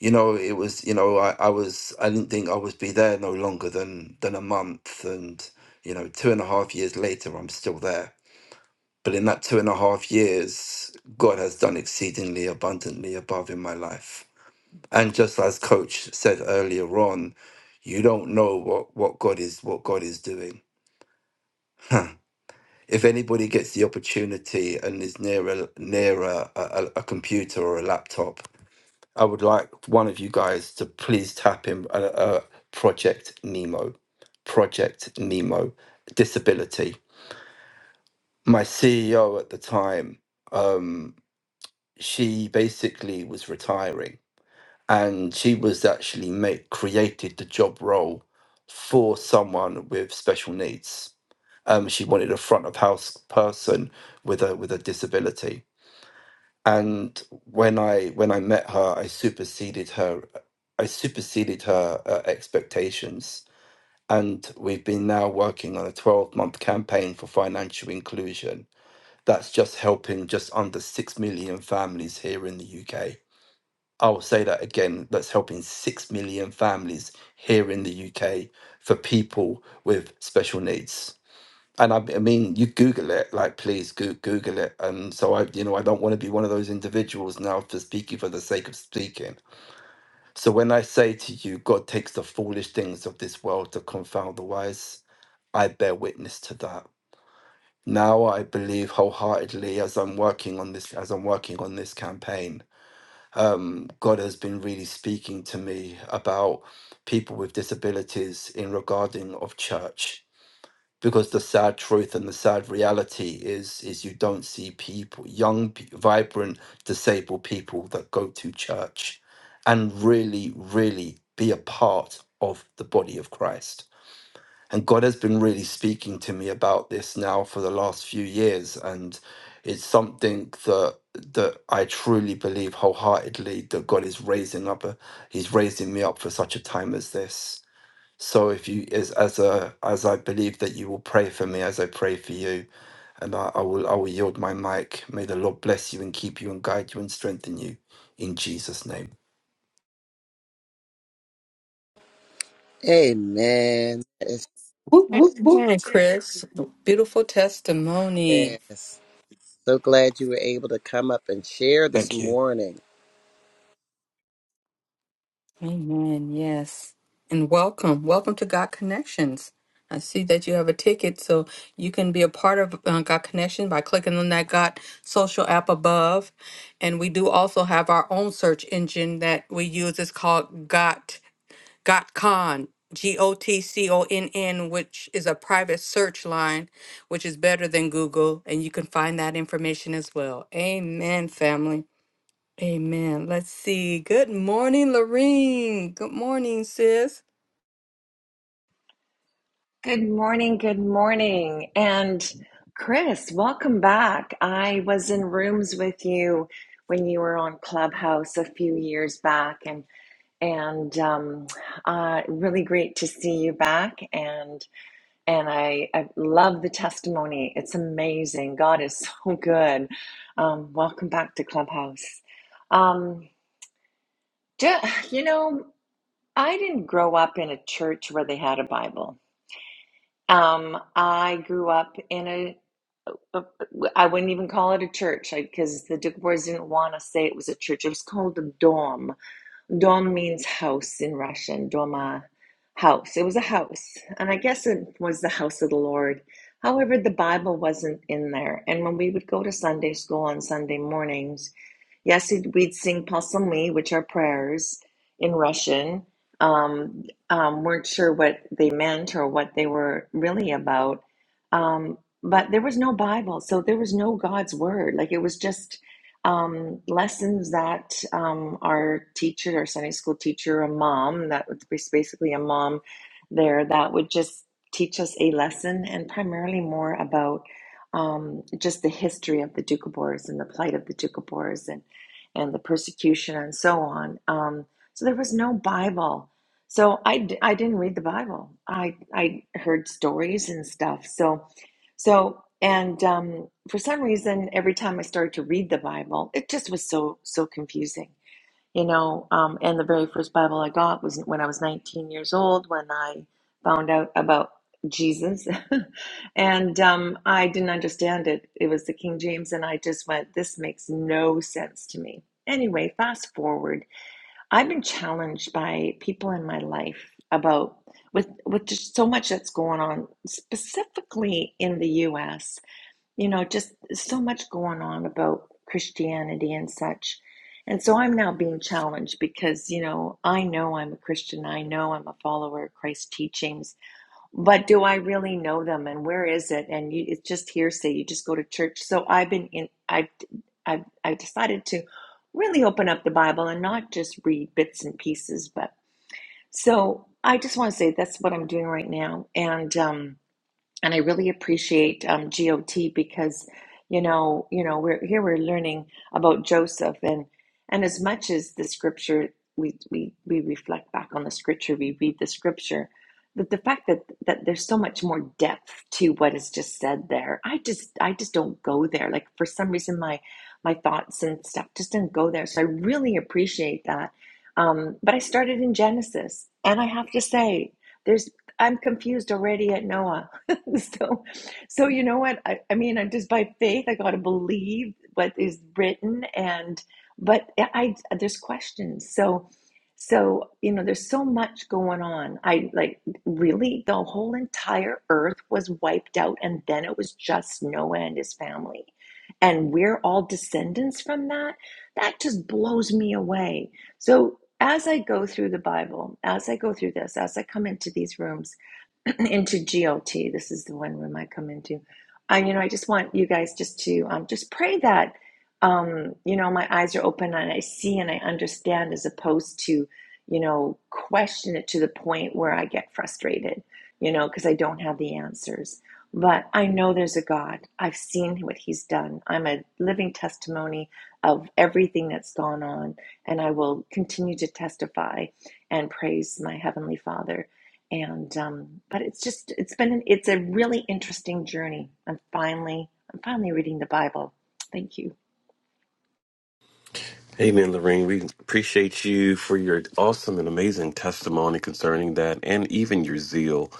you know, it was, you know, I, I was, I didn't think I would be there no longer than than a month, and you know, two and a half years later, I'm still there. But in that two and a half years, God has done exceedingly abundantly above in my life. And just as Coach said earlier on, you don't know what what God is what God is doing. if anybody gets the opportunity and is near a near a, a, a computer or a laptop, I would like one of you guys to please tap in uh, uh, Project Nemo. Project Nemo, disability. My CEO at the time, um, she basically was retiring and she was actually made, created the job role for someone with special needs. Um, she wanted a front of house person with a with a disability and when I when I met her, I superseded her. I superseded her uh, expectations, and we've been now working on a twelve month campaign for financial inclusion. That's just helping just under six million families here in the UK. I will say that again. That's helping six million families here in the UK for people with special needs and I, I mean, you Google it, like please go, Google it. And so I, you know, I don't want to be one of those individuals now for speaking for the sake of speaking. So when I say to you, God takes the foolish things of this world to confound the wise, I bear witness to that. Now I believe wholeheartedly as I'm working on this, as I'm working on this campaign, um, God has been really speaking to me about people with disabilities in regarding of church because the sad truth and the sad reality is is you don't see people young pe- vibrant disabled people that go to church and really really be a part of the body of Christ and God has been really speaking to me about this now for the last few years and it's something that that I truly believe wholeheartedly that God is raising up a, he's raising me up for such a time as this so if you as as a as I believe that you will pray for me as I pray for you, and I, I will I will yield my mic. May the Lord bless you and keep you and guide you and strengthen you in Jesus' name. Amen. Yes. Amen, Chris. Beautiful testimony. yes. So glad you were able to come up and share this Thank you. morning. Amen. Yes. And welcome. Welcome to God Connections. I see that you have a ticket, so you can be a part of uh, God Connection by clicking on that God social app above. And we do also have our own search engine that we use. It's called Got GotCon. G O T C O N N, which is a private search line, which is better than Google, and you can find that information as well. Amen, family. Amen. Let's see. Good morning, Lorene. Good morning, sis. Good morning, good morning. And Chris, welcome back. I was in rooms with you when you were on Clubhouse a few years back and and um, uh, really great to see you back and and I, I love the testimony. It's amazing. God is so good. Um, welcome back to Clubhouse. Um, ju- you know, I didn't grow up in a church where they had a Bible. Um, I grew up in a uh, I wouldn't even call it a church because the Duke Boys didn't want to say it was a church. It was called a dorm. Dom means house in Russian, Doma, house. It was a house. And I guess it was the house of the Lord. However, the Bible wasn't in there. And when we would go to Sunday school on Sunday mornings, yes, we'd sing Pasalmi, which are prayers in Russian. Um, um, weren't sure what they meant or what they were really about. Um, but there was no Bible, so there was no God's word. Like it was just um, lessons that um, our teacher, our Sunday school teacher, a mom, that was basically a mom there, that would just teach us a lesson and primarily more about um, just the history of the Doukhobors and the plight of the Doukhobors and, and the persecution and so on. Um, so there was no Bible. So I, d- I didn't read the Bible. I, I heard stories and stuff. So so, and um, for some reason, every time I started to read the Bible, it just was so, so confusing. You know, um, and the very first Bible I got was when I was 19 years old when I found out about Jesus. and um, I didn't understand it. It was the King James, and I just went, this makes no sense to me. Anyway, fast forward I've been challenged by people in my life about with with just so much that's going on, specifically in the US, you know, just so much going on about Christianity and such. And so I'm now being challenged because, you know, I know I'm a Christian. I know I'm a follower of Christ's teachings but do I really know them and where is it? And you, it's just hearsay. You just go to church. So I've been in, I've, I've, I've decided to really open up the Bible and not just read bits and pieces. But so I just want to say that's what I'm doing right now. And, um, and I really appreciate um, GOT because you know you know we're here we're learning about Joseph and and as much as the scripture we we, we reflect back on the scripture we read the scripture but the fact that that there's so much more depth to what is just said there I just I just don't go there like for some reason my my thoughts and stuff just didn't go there so I really appreciate that um, but I started in Genesis and I have to say there's I'm confused already at Noah so, so you know what? I, I mean, I'm just by faith. I got to believe what is written, and but I, I there's questions. So, so you know, there's so much going on. I like really the whole entire earth was wiped out, and then it was just Noah and his family, and we're all descendants from that. That just blows me away. So. As I go through the Bible, as I go through this, as I come into these rooms, into GOT. This is the one room I come into. I, you know, I just want you guys just to um, just pray that, um, you know, my eyes are open and I see and I understand as opposed to, you know, question it to the point where I get frustrated, you know, because I don't have the answers. But I know there's a God. I've seen what He's done. I'm a living testimony of everything that's gone on, and I will continue to testify and praise my Heavenly Father and um, but it's just it's been an, it's a really interesting journey i'm finally i'm finally reading the bible thank you Amen, Lorraine. We appreciate you for your awesome and amazing testimony concerning that, and even your zeal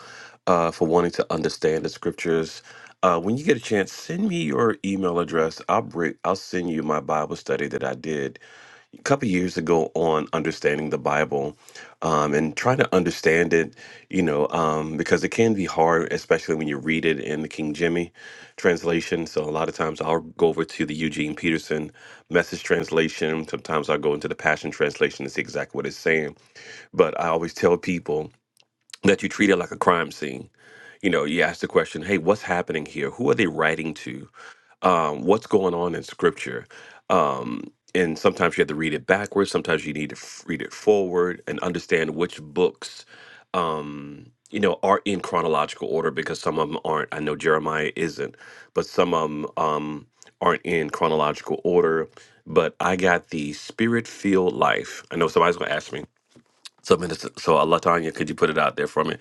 uh, for wanting to understand the scriptures. Uh, when you get a chance, send me your email address. I'll bring, I'll send you my Bible study that I did a couple years ago on understanding the Bible um, and trying to understand it, you know, um, because it can be hard, especially when you read it in the King Jimmy translation. So a lot of times I'll go over to the Eugene Peterson message translation. Sometimes I'll go into the Passion translation to see exactly what it's saying. But I always tell people that you treat it like a crime scene. You know, you ask the question, hey, what's happening here? Who are they writing to? um, what's going on in scripture. Um, and sometimes you have to read it backwards, sometimes you need to f- read it forward and understand which books, um, you know, are in chronological order because some of them aren't. I know Jeremiah isn't, but some of them um, aren't in chronological order. But I got the spirit filled life. I know somebody's going to ask me so, Minister, so Allah Tanya, could you put it out there for me?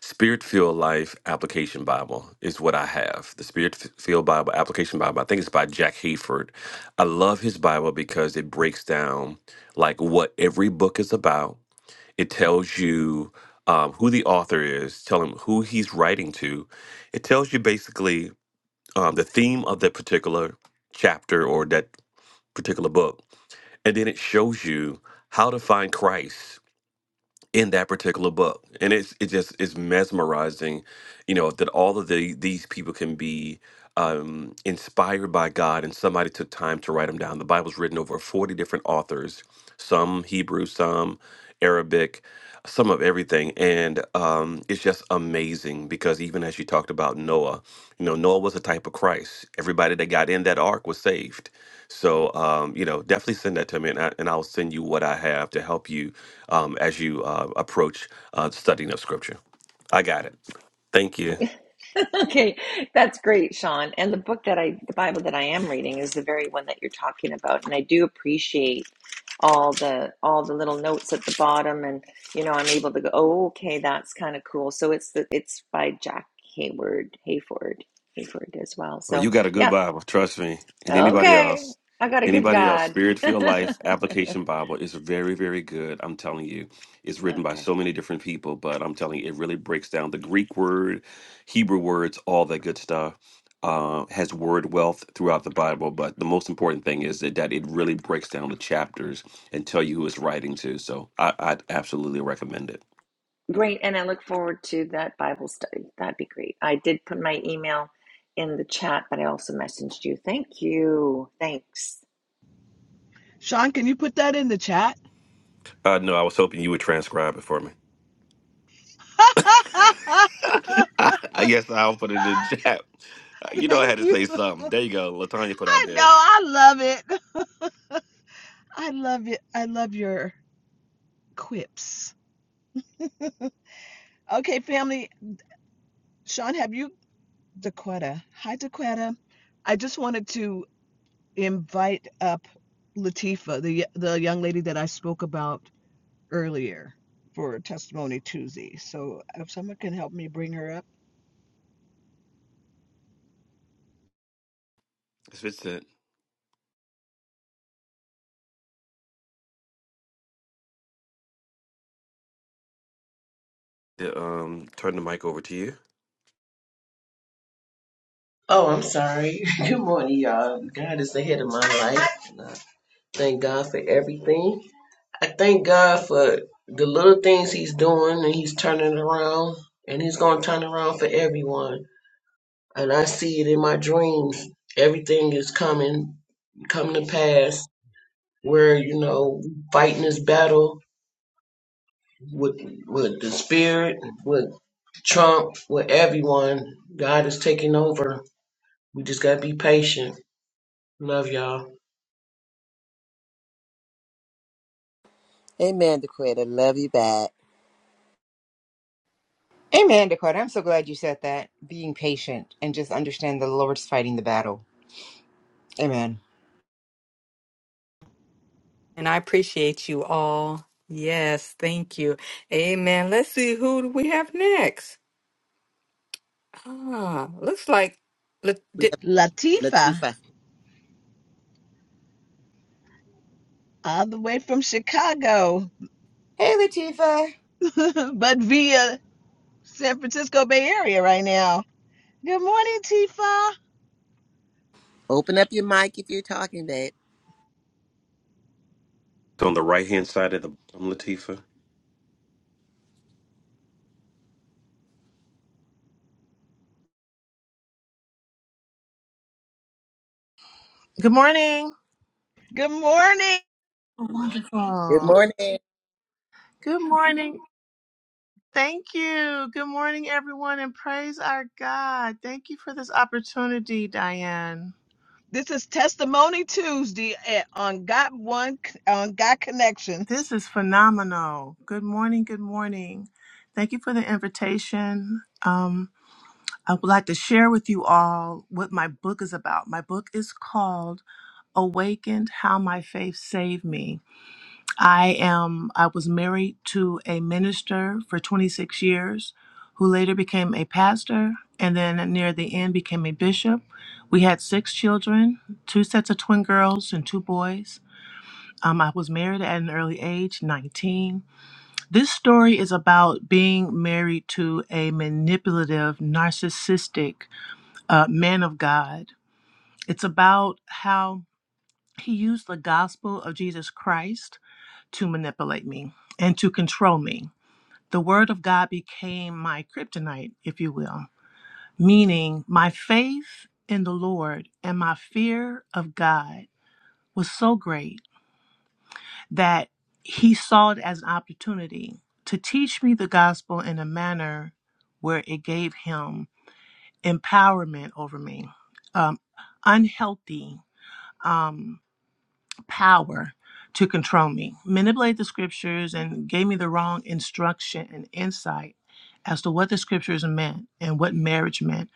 Spirit Filled Life Application Bible is what I have. The Spirit Filled Bible Application Bible. I think it's by Jack Hayford. I love his Bible because it breaks down like what every book is about. It tells you um, who the author is, tell him who he's writing to. It tells you basically um, the theme of that particular chapter or that particular book, and then it shows you how to find Christ in that particular book and it's it just it's mesmerizing you know that all of the these people can be um inspired by god and somebody took time to write them down the bible's written over 40 different authors some hebrew some arabic some of everything and um it's just amazing because even as you talked about noah you know noah was a type of christ everybody that got in that ark was saved so um you know definitely send that to me and, I, and i'll send you what i have to help you um, as you uh, approach uh, studying of Scripture. I got it. Thank you. okay that's great sean and the book that i the bible that i am reading is the very one that you're talking about and i do appreciate all the all the little notes at the bottom and you know i'm able to go oh okay that's kind of cool so it's the it's by jack hayward hayford hayford as well Well, so you got a good yeah Bible, trust me. And anybody okay else, i got a good anybody else, god Spirit Filled Life Application Bible is very, very good. I'm telling you, it's written by okay so many different people, but I'm telling you, it really breaks down the Greek word, Hebrew words, all that good stuff. Uh, has word wealth throughout the Bible, but the most important thing is that, that it really breaks down the chapters and tell you who it's writing to. So I, I'd absolutely recommend it. Great, and I look forward to that Bible study. That'd be great. I did put my email in the chat, but I also messaged you. Thank you. Thanks. Sean, can you put that in the chat? Uh, no, I was hoping you would transcribe it for me. yes, I'll put it in chat. Uh, You know I had Thank to you. say something. There you go. Latanya put out I know. there. I love it. I love it. I love your quips. Okay, family. Sean, have you, Daquetta? Hi, Daquetta. I just wanted to invite up Latifa, the the young lady that I spoke about. earlier for Testimony Tuesday. So if someone can help me bring her up, It's Vincent. Yeah, um, turn the mic over to you. It's Oh, I'm sorry. Good morning, y'all. God is ahead of my life. And I thank God for everything. I thank God for the little things He's doing and He's turning around and He's going to turn around for everyone. And I see it in my dreams. Everything is coming, coming to pass where, you know, fighting this battle with, with the spirit, with Trump, with everyone. God is taking over. We just got to be patient. Love y'all. Amen, Dequette. I love you back. Amen, Dakota. I'm so glad you said that. Being patient and just understand the Lord's fighting the battle. Amen. And I appreciate you all. Yes, thank you. Amen. Let's see who do we have next. Ah, looks like. Look, We did, have Latifa, Latifa. all the way from Chicago, Hey, Latifa. but via San Francisco Bay Area right now. Good morning, Tifa. Open up your mic if you're talking babe. on the right hand side of the bottom, Latifa. I Good morning. Good morning. Good Wonderful. morning. Good morning. Thank you. Good morning, everyone, and praise our God. Thank you for this opportunity, Diane. This is Testimony Tuesday at, on Got One on Got Connections. This is phenomenal. Good morning. Good morning. Thank you for the invitation. Um, I would like to share with you all what my book is about. My book is called Awakened How My Faith Saved Me. I am I was married to a minister for 26 years who later became a pastor and then near the end became a bishop. We had six children, two sets of twin girls and two boys. Um, I was married at an early age, 19. This story is about being married to a manipulative, narcissistic uh, man of God. It's about how he used the gospel of Jesus Christ to manipulate me and to control me. The word of God became my kryptonite, if you will, meaning my faith in the Lord and my fear of God was so great that he saw it as an opportunity to teach me the gospel in a manner where it gave him empowerment over me. Um, unhealthy um, power to control me, manipulate the scriptures, and gave me the wrong instruction and insight as to what the scriptures meant and what marriage meant.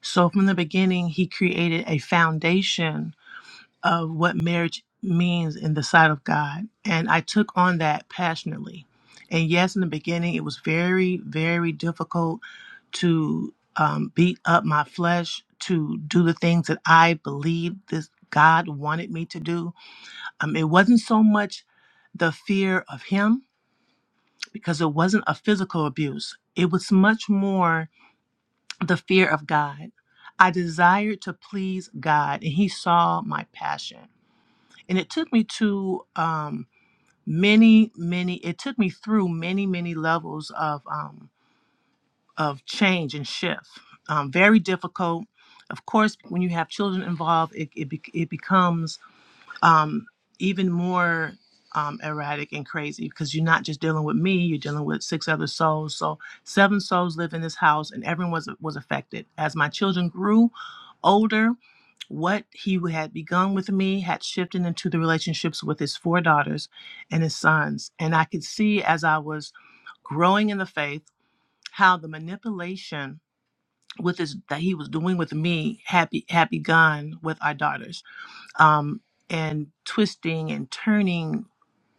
So, from the beginning, he created a foundation of what marriage means in the sight of God. And I took on that passionately. And yes, in the beginning, it was very, very difficult to um, beat up my flesh, to do the things that I believed this God wanted me to do um, it wasn't so much the fear of him because it wasn't a physical abuse, it was much more the fear of God. I desired to please God, and He saw my passion. And it took me to um, many, many, it took me through many, many levels of, um, of change and shift. Um, very difficult. Of course, when you have children involved, it, it, be- it becomes um, even more um, erratic and crazy because you're not just dealing with me, you're dealing with six other souls. So, seven souls live in this house, and everyone was, was affected. As my children grew older, what he had begun with me had shifted into the relationships with his four daughters and his sons. And I could see as I was growing in the faith how the manipulation with his that he was doing with me had, be, had begun with our daughters um, and twisting and turning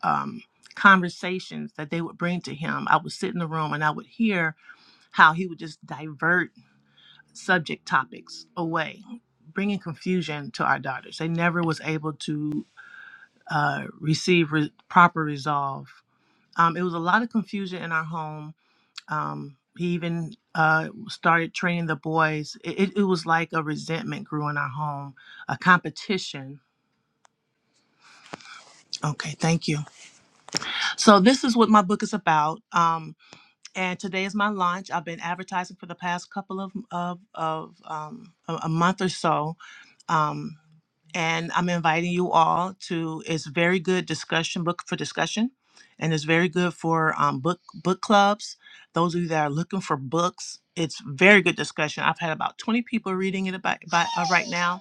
um, conversations that they would bring to him. I would sit in the room and I would hear how he would just divert subject topics away, bringing confusion to our daughters. They never was able to uh, receive re- proper resolve. Um, it was a lot of confusion in our home. Um, he even uh, started training the boys. It, it, it was like a resentment grew in our home, a competition. Okay, thank you So this is what my book is about. Um, and today is my launch. I've been advertising for the past couple of of, of um, a, a month or so. Um, and I'm inviting you all to. It's very good discussion book for discussion, and it's very good for um, book book clubs. Those of you that are looking for books, it's very good discussion. I've had about 20 people reading it about, about uh, right now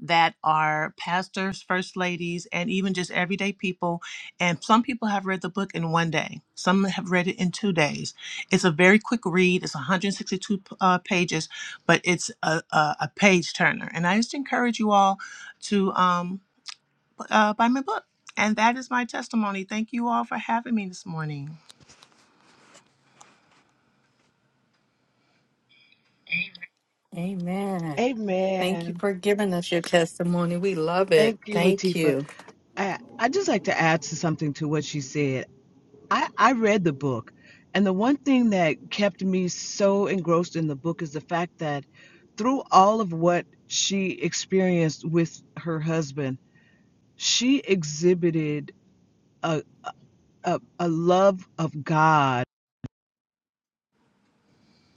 that are pastors, first ladies, and even just everyday people. And some people have read the book in one day, some have read it in two days. It's a very quick read, it's 162 uh, pages, but it's a, a, a page turner. And I just encourage you all to um, uh, buy my book. And that is my testimony. Thank you all for having me this morning. amen. Thank you Amen. for giving us your testimony. We love it. Thank you, Thank Latifa. you. I, I just like to add to something to what she said. I, I read the book, and the one thing that kept me so engrossed in the book is the fact that through all of what she experienced with her husband, she exhibited a, a, a love of God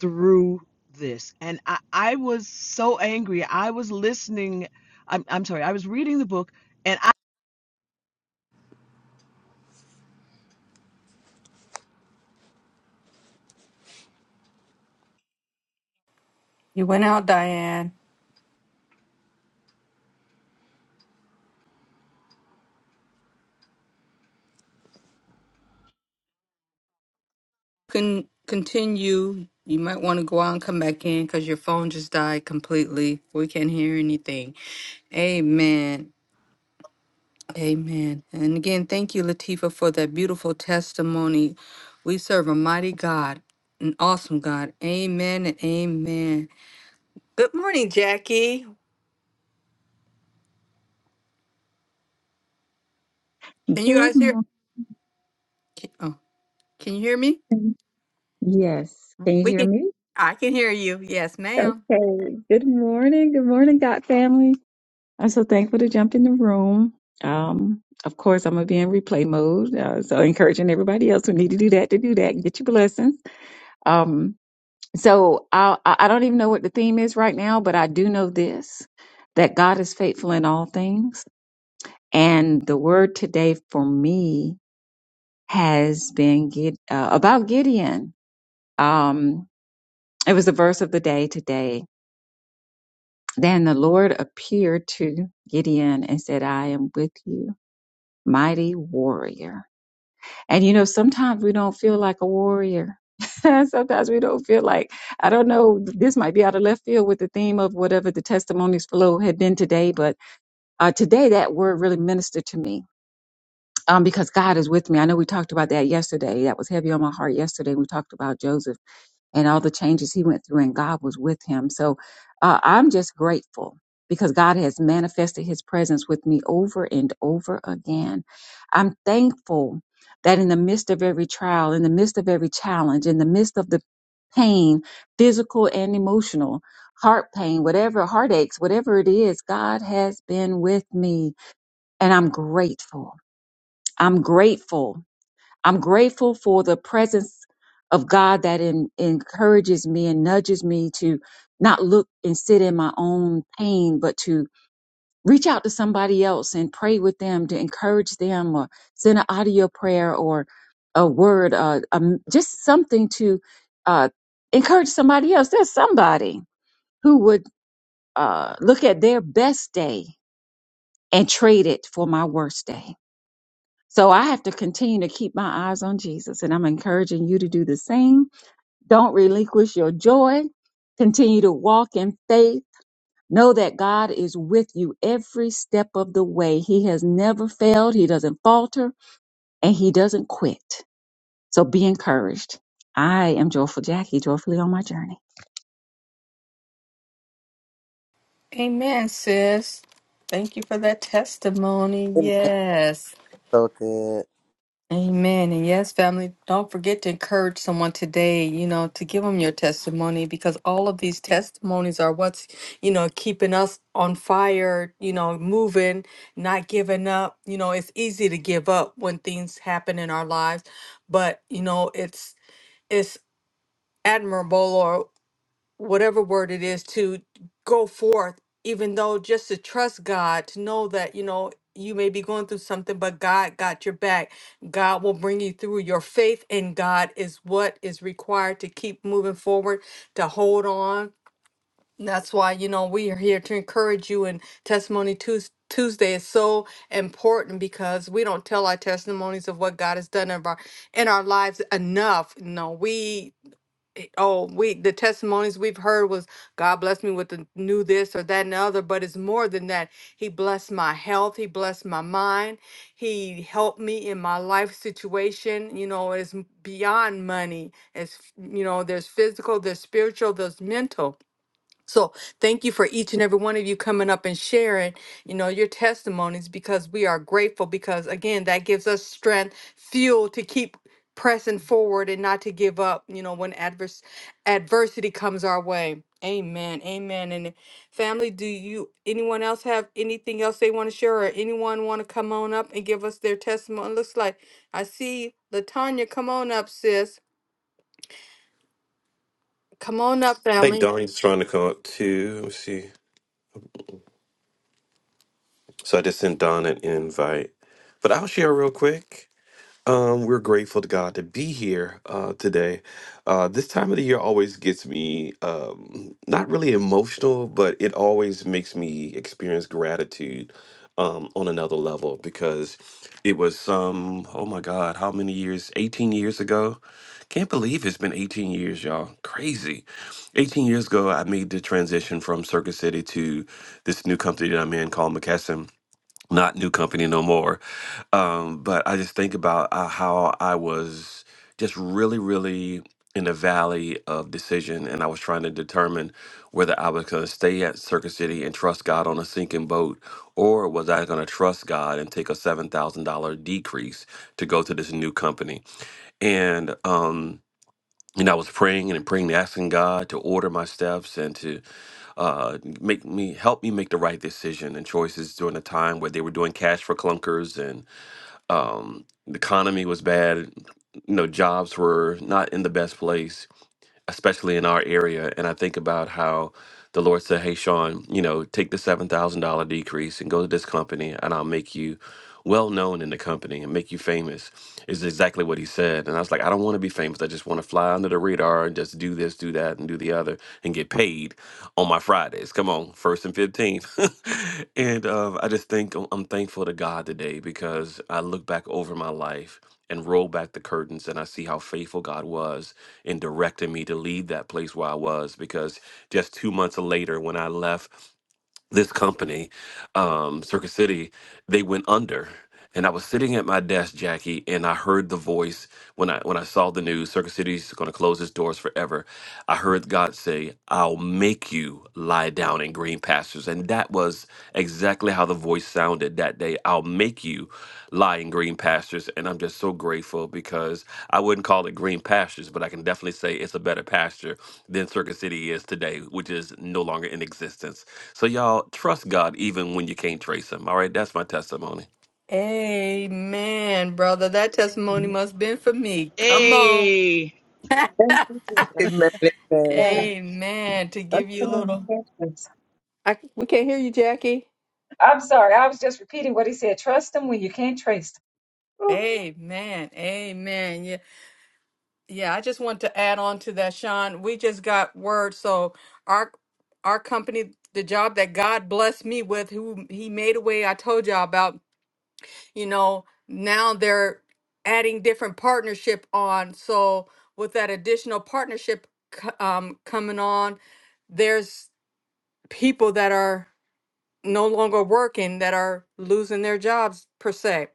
through this. And I, I was so angry. I was listening, I'm, I'm sorry, I was reading the book, and I, You went out, Diane. Can continue. You might want to go out and come back in because your phone just died completely. We can't hear anything. Amen. Amen. And again, thank you, Latifa, for that beautiful testimony. We serve a mighty God, an awesome God. Amen and amen. Good morning, Jackie. Can you Good guys hear? morning. can- Oh, can you hear me? Yes. Can you We hear can. me? I can hear you. Yes, ma'am. Okay. Good morning. Good morning, God family. I'm so thankful to jump in the room. Um, of course, I'm gonna be in replay mode. Uh, so encouraging everybody else who need to do that to do that and get your blessings. Um, so I I I don't even know what the theme is right now, but I do know this that God is faithful in all things. And the word today for me has been Gid- uh, about Gideon. Um, It was the verse of the day today. Then the Lord appeared to Gideon and said, I am with you, mighty warrior. And you know, sometimes we don't feel like a warrior. sometimes we don't feel like, I don't know, this might be out of left field with the theme of whatever the testimonies flow had been today, but uh, today that word really ministered to me. Um, because God is with me. I know we talked about that yesterday. That was heavy on my heart yesterday. We talked about Joseph and all the changes he went through, and God was with him. So uh, I'm just grateful because God has manifested his presence with me over and over again. I'm thankful that in the midst of every trial, in the midst of every challenge, in the midst of the pain, physical and emotional, heart pain, whatever, heartaches, whatever it is, God has been with me, and I'm grateful. I'm grateful I'm grateful for the presence of God that en- encourages me and nudges me to not look and sit in my own pain, but to reach out to somebody else and pray with them to encourage them or send an audio prayer or a word, uh, um, just something to uh, encourage somebody else. There's somebody who would uh, look at their best day and trade it for my worst day. So I have to continue to keep my eyes on Jesus. And I'm encouraging you to do the same. Don't relinquish your joy. Continue to walk in faith. Know that God is with you every step of the way. He has never failed. He doesn't falter and he doesn't quit. So be encouraged. I am Joyful Jackie, joyfully on my journey. Amen, sis. Thank you for that testimony. Amen. Yes. So good. Amen. And yes, family, don't forget to encourage someone today, you know, to give them your testimony because all of these testimonies are what's, you know, keeping us on fire, you know, moving, not giving up. You know, it's easy to give up when things happen in our lives, but, you know, it's, it's, admirable Or whatever word it is to go forth even though just to trust god to know that you know you may be going through something but god got your back god will bring you through your faith in god is what is required to keep moving forward to hold on that's why you know we are here to encourage you and testimony Tues- tuesday is so important because we don't tell our testimonies of what god has done in our in our lives enough no we we oh we the testimonies we've heard was God blessed me with the new this or that and the other, but it's more than that. He blessed my health, he blessed my mind, he helped me in my life situation. You know, it's m- beyond money. It's f- you know, there's physical, there's spiritual, there's mental. So thank you for each and every one of you coming up and sharing, you know, your testimonies because we are grateful because again, that gives us strength, fuel to keep pressing forward and not to give up, you know, when adverse adversity comes our way. Amen. Amen. And family, do you anyone else have anything else they want to share or anyone want to come on up and give us their testimony? Looks like I see Latanya, come on up, sis. Come on up, think family. Donnie's trying to come up too. Let me see. So I just sent Don an invite. But I'll share real quick. Um, we're grateful to God to be here uh, today. Uh, this time of the year always gets me um, not really emotional, but it always makes me experience gratitude um, on another level because it was some, oh my God, how many years? 18 years ago. Can't believe it's been 18 years, y'all. Crazy. 18 years ago, I made the transition from Circuit City to this new company that I'm in called McKesson not new company no more. Um, but I just think about uh, how I was just really, really in the valley of decision, and I was trying to determine whether I was going to stay at Circuit City and trust God on a sinking boat, or was I going to trust God and take a seven thousand dollar decrease to go to this new company? And um, and I was praying and praying, asking God to order my steps and to uh, make me help me make the right decision and choices during a time where they were doing cash for clunkers and um, the economy was bad. You know, jobs were not in the best place especially in our area. And I think about how the Lord said, Hey, Sean, you know, take the $7,000 decrease and go to this company, and I'll make you well known in the company and make you famous, is exactly what he said. And I was like, I don't want to be famous. I just want to fly under the radar and just do this, do that, and do the other and get paid on my Fridays. Come on, first and 15th. and um, I just think I'm I'm thankful to God today because I look back over my life and roll back the curtains and I see how faithful God was and directing me to leave that place where I was. Because just two months later, when I left, this company, um, Circuit City, they went under. And I was sitting at my desk, Jackie, and I heard the voice when I when I saw the news, Circuit City's gonna close its doors forever. I heard God say, I'll make you lie down in green pastures. And that was exactly how the voice sounded that day. I'll make you lie in green pastures. And I'm just so grateful because I wouldn't call it green pastures, but I can definitely say it's a better pasture than Circuit City is today, which is no longer in existence. So y'all trust God even when you can't trace him. All right, that's my testimony. Amen, brother. That testimony Amen. must have been for me. Come on. hey, Thank you, Jesus. Good morning, Yes, Pasha. Amen. To Trust give you him a when you little. can't trace. him. I, we can't hear you, Jackie. I'm sorry, I was just repeating what he said. Trust him when you can't trace him. Whew. Amen. Amen. Yeah. Yeah. I just want to add on to that, Sean. We just got word. So our our company, the job that God blessed me with, who he made a way I told y'all about, you know now they're adding different partnership on so with that additional partnership co- um, coming on there's people that are no longer working that are losing their jobs per se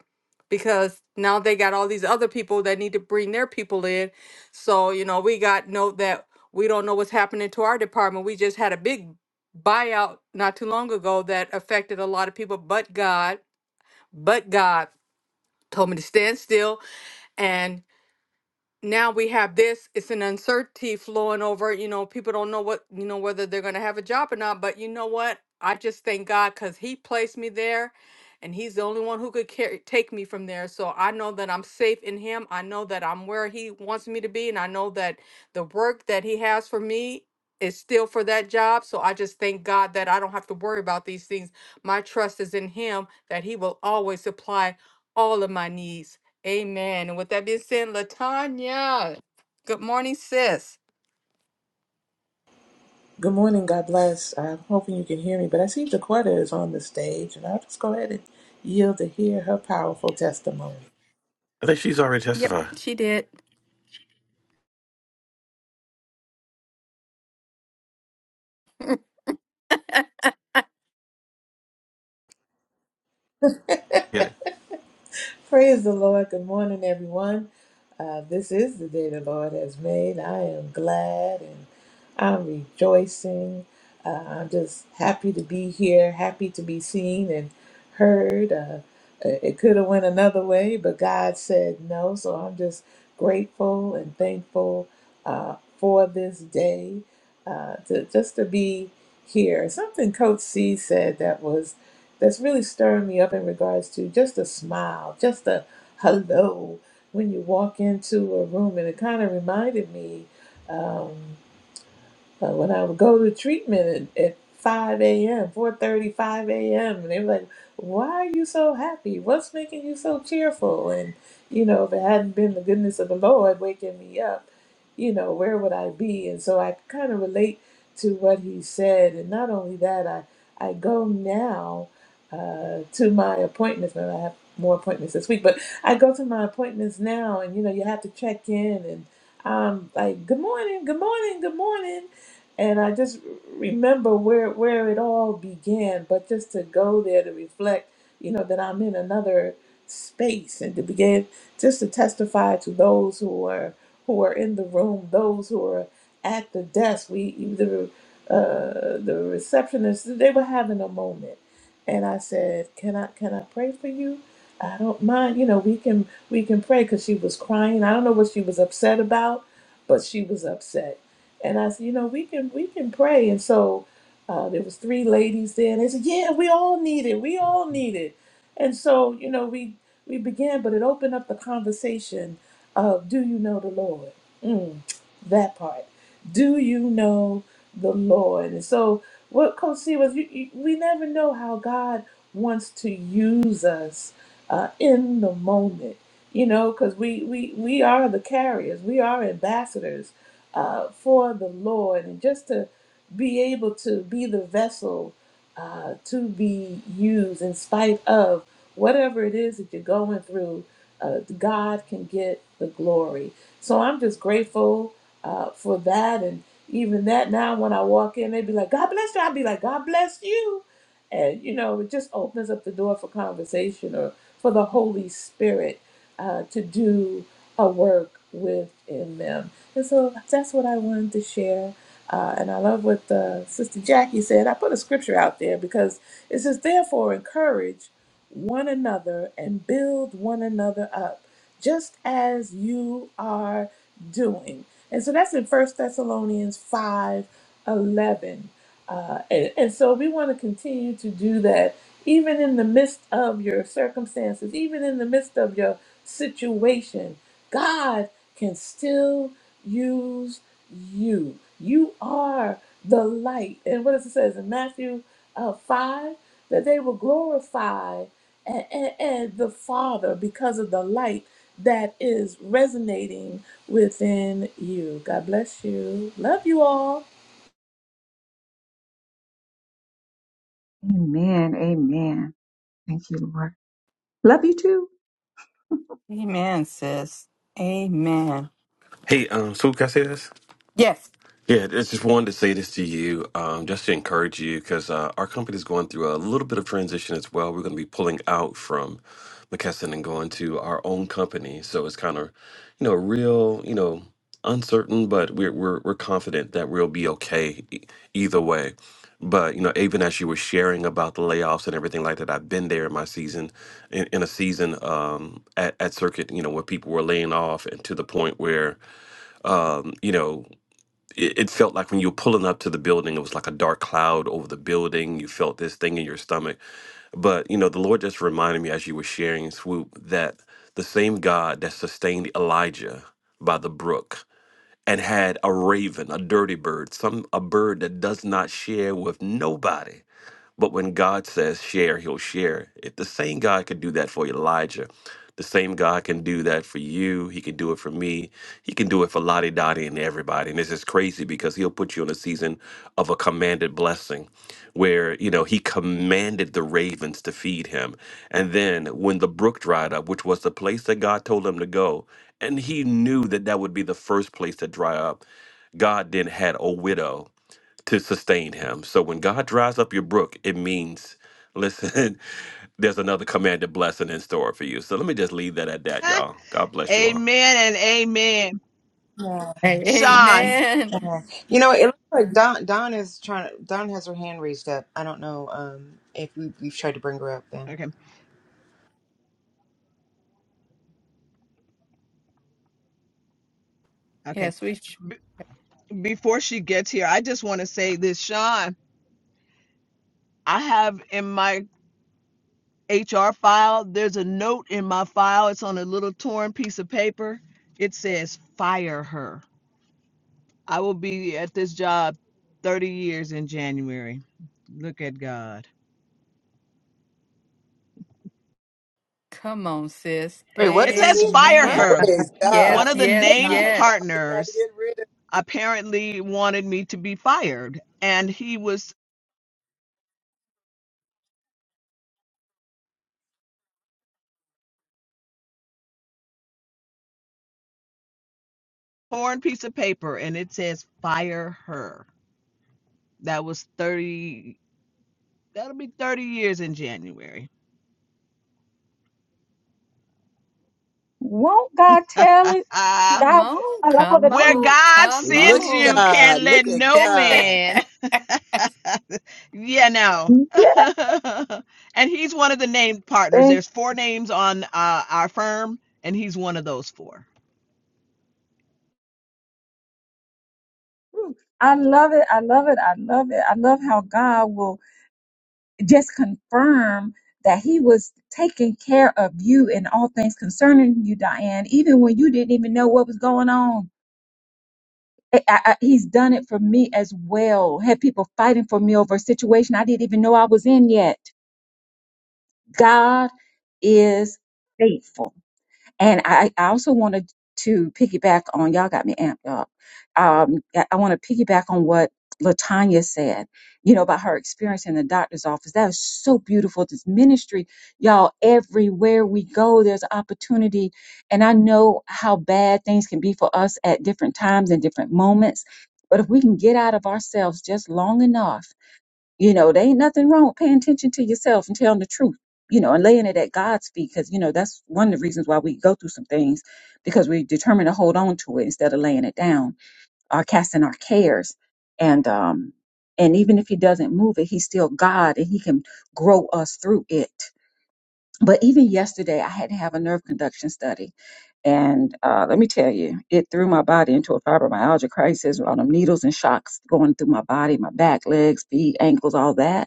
because now they got all these other people that need to bring their people in so you know we got note that we don't know what's happening to our department we just had a big buyout not too long ago that affected a lot of people but god but god told me to stand still and now we have this it's an uncertainty flowing over you know people don't know what you know whether they're going to have a job or not but you know what i just thank god because he placed me there and he's the only one who could care- take me from there so i know that i'm safe in him i know that i'm where he wants me to be and i know that the work that he has for me is still for that job so i just thank god that i don't have to worry about these things my trust is in him that he will always supply all of my needs Amen. And with that being said, Latanya, good morning, sis. Good morning, God bless. I'm hoping you can hear me, but I see Jaquetta is on the stage, and I'll just go ahead and yield to hear her powerful testimony. I think she's already Yep, testified. she did. Get it? Praise the Lord. Good morning, everyone. Uh, this is the day the Lord has made. I am glad and I'm rejoicing. Uh, I'm just happy to be here, happy to be seen and heard. Uh, uh, it could have went another way, but God said no. So I'm just grateful and thankful uh, for this day, uh, to, just to be here. Something Coach C said that was that's really stirring me up in regards to just a smile, just a hello when you walk into a room. And it kind of reminded me. Um, uh, when I would go to treatment at, at 5 a.m., four thirty, five a.m., and they were like, why are you so happy? What's making you so cheerful? And, you know, if it hadn't been the goodness of the Lord waking me up, you know, where would I be? And so I kind of relate to what he said. And not only that, I, I go now uh, to my appointments. Now, I have more appointments this week, but I go to my appointments now, and, you know, you have to check in, and I'm like, good morning, good morning, good morning and I just remember where where it all began. But just to go there to reflect, you know, that I'm in another space, and to begin just to testify to those who are who are in the room, those who are at the desk. We the uh, the receptionist they were having a moment, and I said, "Can I can I pray for you?" I don't mind, you know. We can we can pray because she was crying. I don't know what she was upset about, but she was upset and I said, you know, we can we can pray. And so uh, there was three ladies there, and they said, yeah, we all need it. We all need it. And so you know, we we began, but it opened up the conversation of, do you know the Lord? Mm, that part. Do you know the Lord? And so what Coach C was, you, you, we never know how God wants to use us uh, in the moment. You know, because we, we we are the carriers, we are ambassadors uh, for the Lord and just to be able to be the vessel uh, to be used in spite of whatever it is that you're going through. Uh, God can get the glory. So I'm just grateful uh, for that. And even that now, when I walk in, they'd be like, God bless you. I'd be like, God bless you. And, you know, it just opens up the door for conversation or for the Holy Spirit uh, to do a work within them. And so that's what I wanted to share. Uh, and I love what uh, Sister Jackie said. I put a scripture out there because it says, Therefore, encourage one another and build one another up, just as you are doing. And so that's in First Thessalonians 5 11, Uh, and, and so we want to continue to do that, even in the midst of your circumstances, even in the midst of your situation. God can still use you. You are the light. And what does it says in Matthew uh, 5? That they will glorify and, and, and the Father because of the light that is resonating within you. God bless you. Love you all. Amen. Amen. Thank you, Lord. Love you too. Amen, sis. Amen. Hey, um, Swoop, can I say this? Yes. Yeah, I just wanted to say this to you, um, just to encourage you, because uh, our company is going through a little bit of transition as well. We're going to be pulling out from McKesson and going to our own company, so it's kind of, you know, real, you know, uncertain, but we're we're we're confident that we'll be okay e- either way. But you know, even as you were sharing about the layoffs and everything like that, I've been there in my season, in, in a season um, at at Circuit, you know, where people were laying off, and to the point where um, you know it, it felt like when you were pulling up to the building, it was like a dark cloud over the building. You felt this thing in your stomach. But, you know, the Lord just reminded me as you were sharing, Swoop, that the same God that sustained Elijah by the brook and had a raven, a dirty bird, some a bird that does not share with nobody but when God says share, he'll share. If the same God could do that for Elijah, the same God can do that for you. He can do it for me. He can do it for Lottie Dottie and everybody. And this is crazy because he'll put you in a season of a commanded blessing where, you know, he commanded the ravens to feed him. And then when the brook dried up, which was the place that God told him to go, and he knew that that would be the first place to dry up, God then had a widow to sustain him. So when God dries up your brook, it means, listen, there's another commanded blessing in store for you. So let me just leave that at that, y'all. God bless you all. amen and amen. Hey, Sean, amen. You know, it looks like Don Don is trying to Don has her hand raised up. I don't know um if we we've tried to bring her up then. okay, okay. Yes, we sh- before she gets here, I just want to say this, Sean. I have in my HR file, there's a note in my file. It's on a little torn piece of paper. It says, fire her. I will be at this job 30 years in January. Look at God. come on, sis. Wait, what's It this? says, fire Amen. What? her. Praise One Yes, of the God. yes, named Wow. yes. Somebody tried to partners get rid of apparently wanted me to be fired, and he was torn piece of paper, and it says, fire her. That was 30. That'll be 30 years in January. Won't God tell it? Uh, Come God will on, tell all come the where things. on, God come Look sends at you, on. can't God. let Look at no God. man. yeah, no. Yeah. and he's one of the named partners. Thank There's four names on uh, our firm, and he's one of those four. you. I love it. I love it. I love it. I love how God will just confirm that He was taking care of you in all things concerning you, Diane, even when you didn't even know what was going on. I- I- I- he's done it for me as well. Had people fighting for me over a situation I didn't even know I was in yet. God is faithful. And I, I also wanted to piggyback on, y'all got me amped up. Um, I I want to piggyback on what Latanya said, you know, about her experience in the doctor's office. That was so beautiful. This ministry, y'all, everywhere we go, there's opportunity. And I know how bad things can be for us at different times and different moments. But if we can get out of ourselves just long enough, you know, there ain't nothing wrong with paying attention to yourself and telling the truth, you know, and laying it at God's feet. Because, you know, that's one of the reasons why we go through some things because we determine to hold on to it instead of laying it down or casting our cares. And, um, and even if he doesn't move it, he's still God and he can grow us through it. But even yesterday, I had to have a nerve conduction study. And uh, let me tell you, it threw my body into a fibromyalgia crisis with all them needles and shocks going through my body, my back, legs, feet, ankles, all that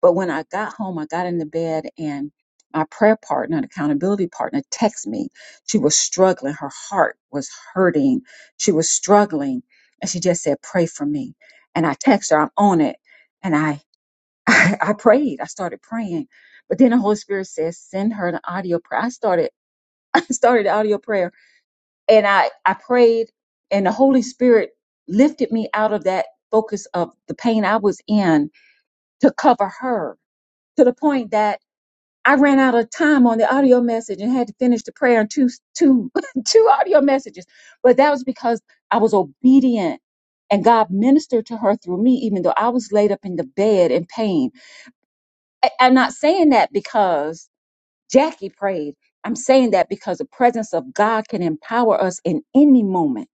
but when I got home, I got into bed and my prayer partner and accountability partner texted me. She was struggling. Her heart was hurting. She was struggling. And she just said, pray for me. And I texted her, I'm on it. And I, I, I prayed. I started praying. But then the Holy Spirit says, send her an audio prayer. I started, I started the audio prayer and I, I prayed and the Holy Spirit lifted me out of that focus of the pain I was in to cover her to the point that I ran out of time on the audio message and had to finish the prayer in two, two, two audio messages. But that was because I was obedient and God ministered to her through me, even though I was laid up in the bed in pain. I, I'm not saying that because Jackie prayed. I'm saying that because the presence of God can empower us in any moment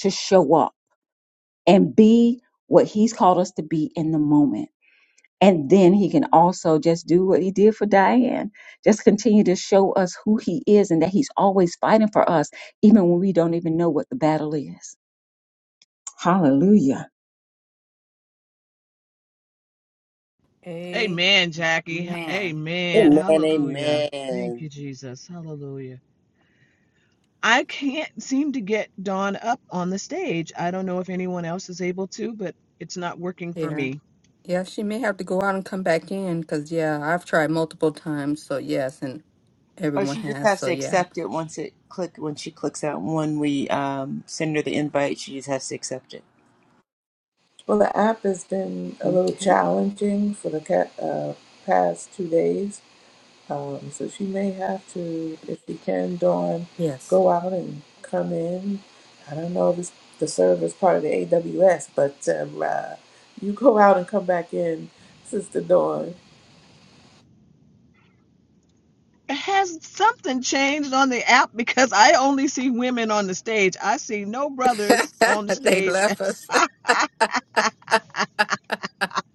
to show up and be what he's called us to be in the moment. And then he can also just do what he did for Diane, just continue to show us who he is and that he's always fighting for us, even when we don't even know what the battle is. Hallelujah. Amen. Amen, Jackie. Amen. Amen. Hallelujah. Thank you, Amen. Jesus. Hallelujah. I can't seem to get Dawn up on the stage. I don't know if anyone else is able to, but it's not working for Yeah. me. Yeah, she may have to go out and come back in because, yeah, I've tried multiple times. So, yes. and. Or Everyone she just has, has so to yeah. accept it once it click when she clicks out when we um, send her the invite, she just has to accept it. Well, the app has been a little Okay. challenging for the ca- uh, past two days Um, so she may have to, if she can, Dawn, Yes. go out and come in. I don't know if it's the server's part of the AWS, but um, uh, you go out and come back in, Sister Dawn. Has something changed on the app? Because I only see women on the stage. I see no brothers on the they stage. left us.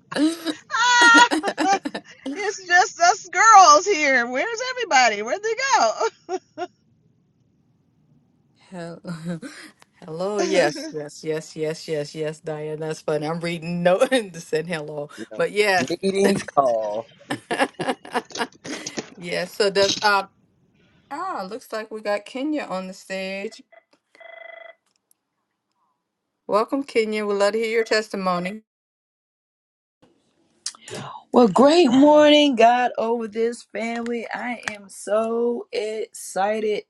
it's just us girls here. Where's everybody? Where'd they Hello. hello. Yes. go? Yes. Yes. Yes. Yes. Yes. Diane, that's funny. I'm reading no and said hello, You know, but yes. Meetings call. yes. So does uh ah looks like we got Kenya on the stage. Welcome, Kenya. We'd love to hear your testimony. Well, great morning, God, over this family. I am so excited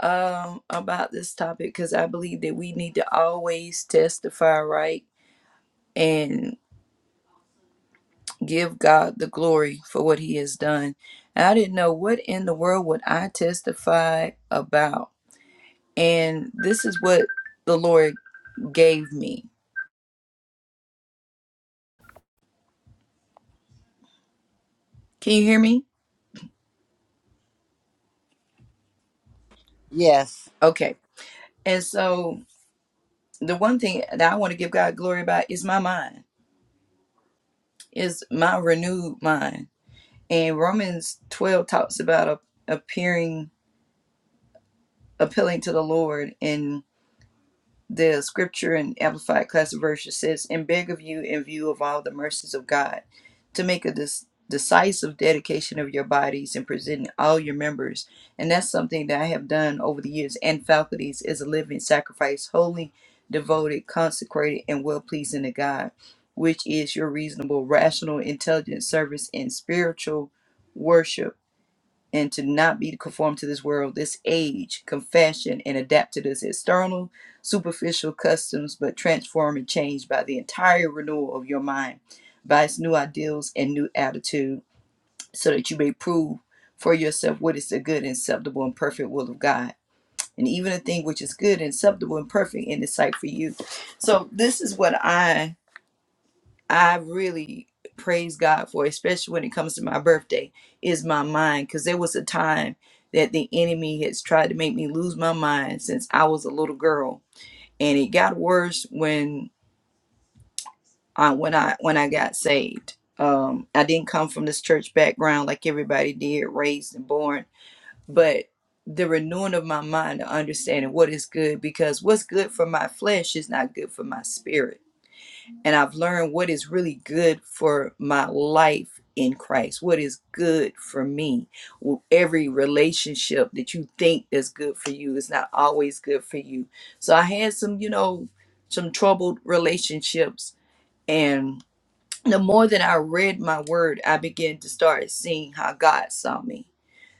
um, about this topic because I believe that we need to always testify right and give God the glory for what He has done. And I didn't know what in the world would I testify about, and this is what the Lord gave me. Can you hear me? yes. Okay. And so the one thing that I want to give God glory about is my mind is my renewed mind. And Romans 12 talks about appearing appealing to the Lord in the scripture in Amplified Classic Version says, and beg of you, in view of all the mercies of God, to make a dis- decisive dedication of your bodies and presenting all your members. And that's something that I have done over the years and faculties is a living sacrifice, holy, devoted, consecrated, and well pleasing to God, which is your reasonable, rational, intelligent service and spiritual worship and to not be conformed to this world, this age, confession, and adapt to this external, superficial customs, but transform and change by the entire renewal of your mind, by its new ideals and new attitude, so that you may prove for yourself what is the good, and acceptable, and perfect will of God. And even a thing which is good and acceptable and perfect in the sight for you. So this is what I I really praise God for, especially when it comes to my birthday, is my mind. Because there was a time that the enemy has tried to make me lose my mind since I was a little girl, and it got worse when I when I when I got saved. Um, I didn't come from this church background like everybody did, raised and born, but the renewing of my mind to understanding what is good because what's good for my flesh is not good for my spirit and I've learned what is really good for my life in Christ, what is good for me. Every relationship that you think is good for you is not always good for you. So I had some, you know, some troubled relationships. And the more that I read my word, I began to start seeing how God saw me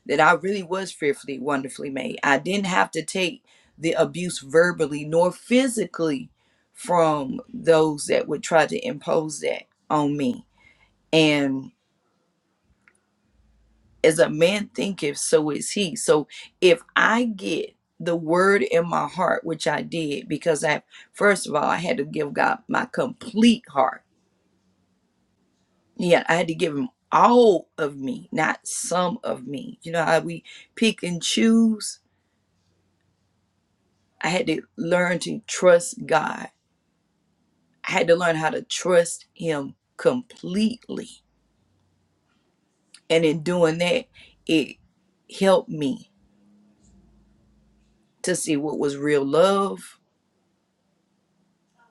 that I really was fearfully, wonderfully made. I didn't have to take the abuse verbally nor physically from those that would try to impose that on me. And as a man thinketh, so is he. So if I get the word in my heart, which I did, because I, first of all, I had to give God my complete heart. Yeah, I had to give him all of me, not some of me. You know how we pick and choose? I had to learn to trust God. I had to learn how to trust Him completely. And in doing that, it helped me to see what was real love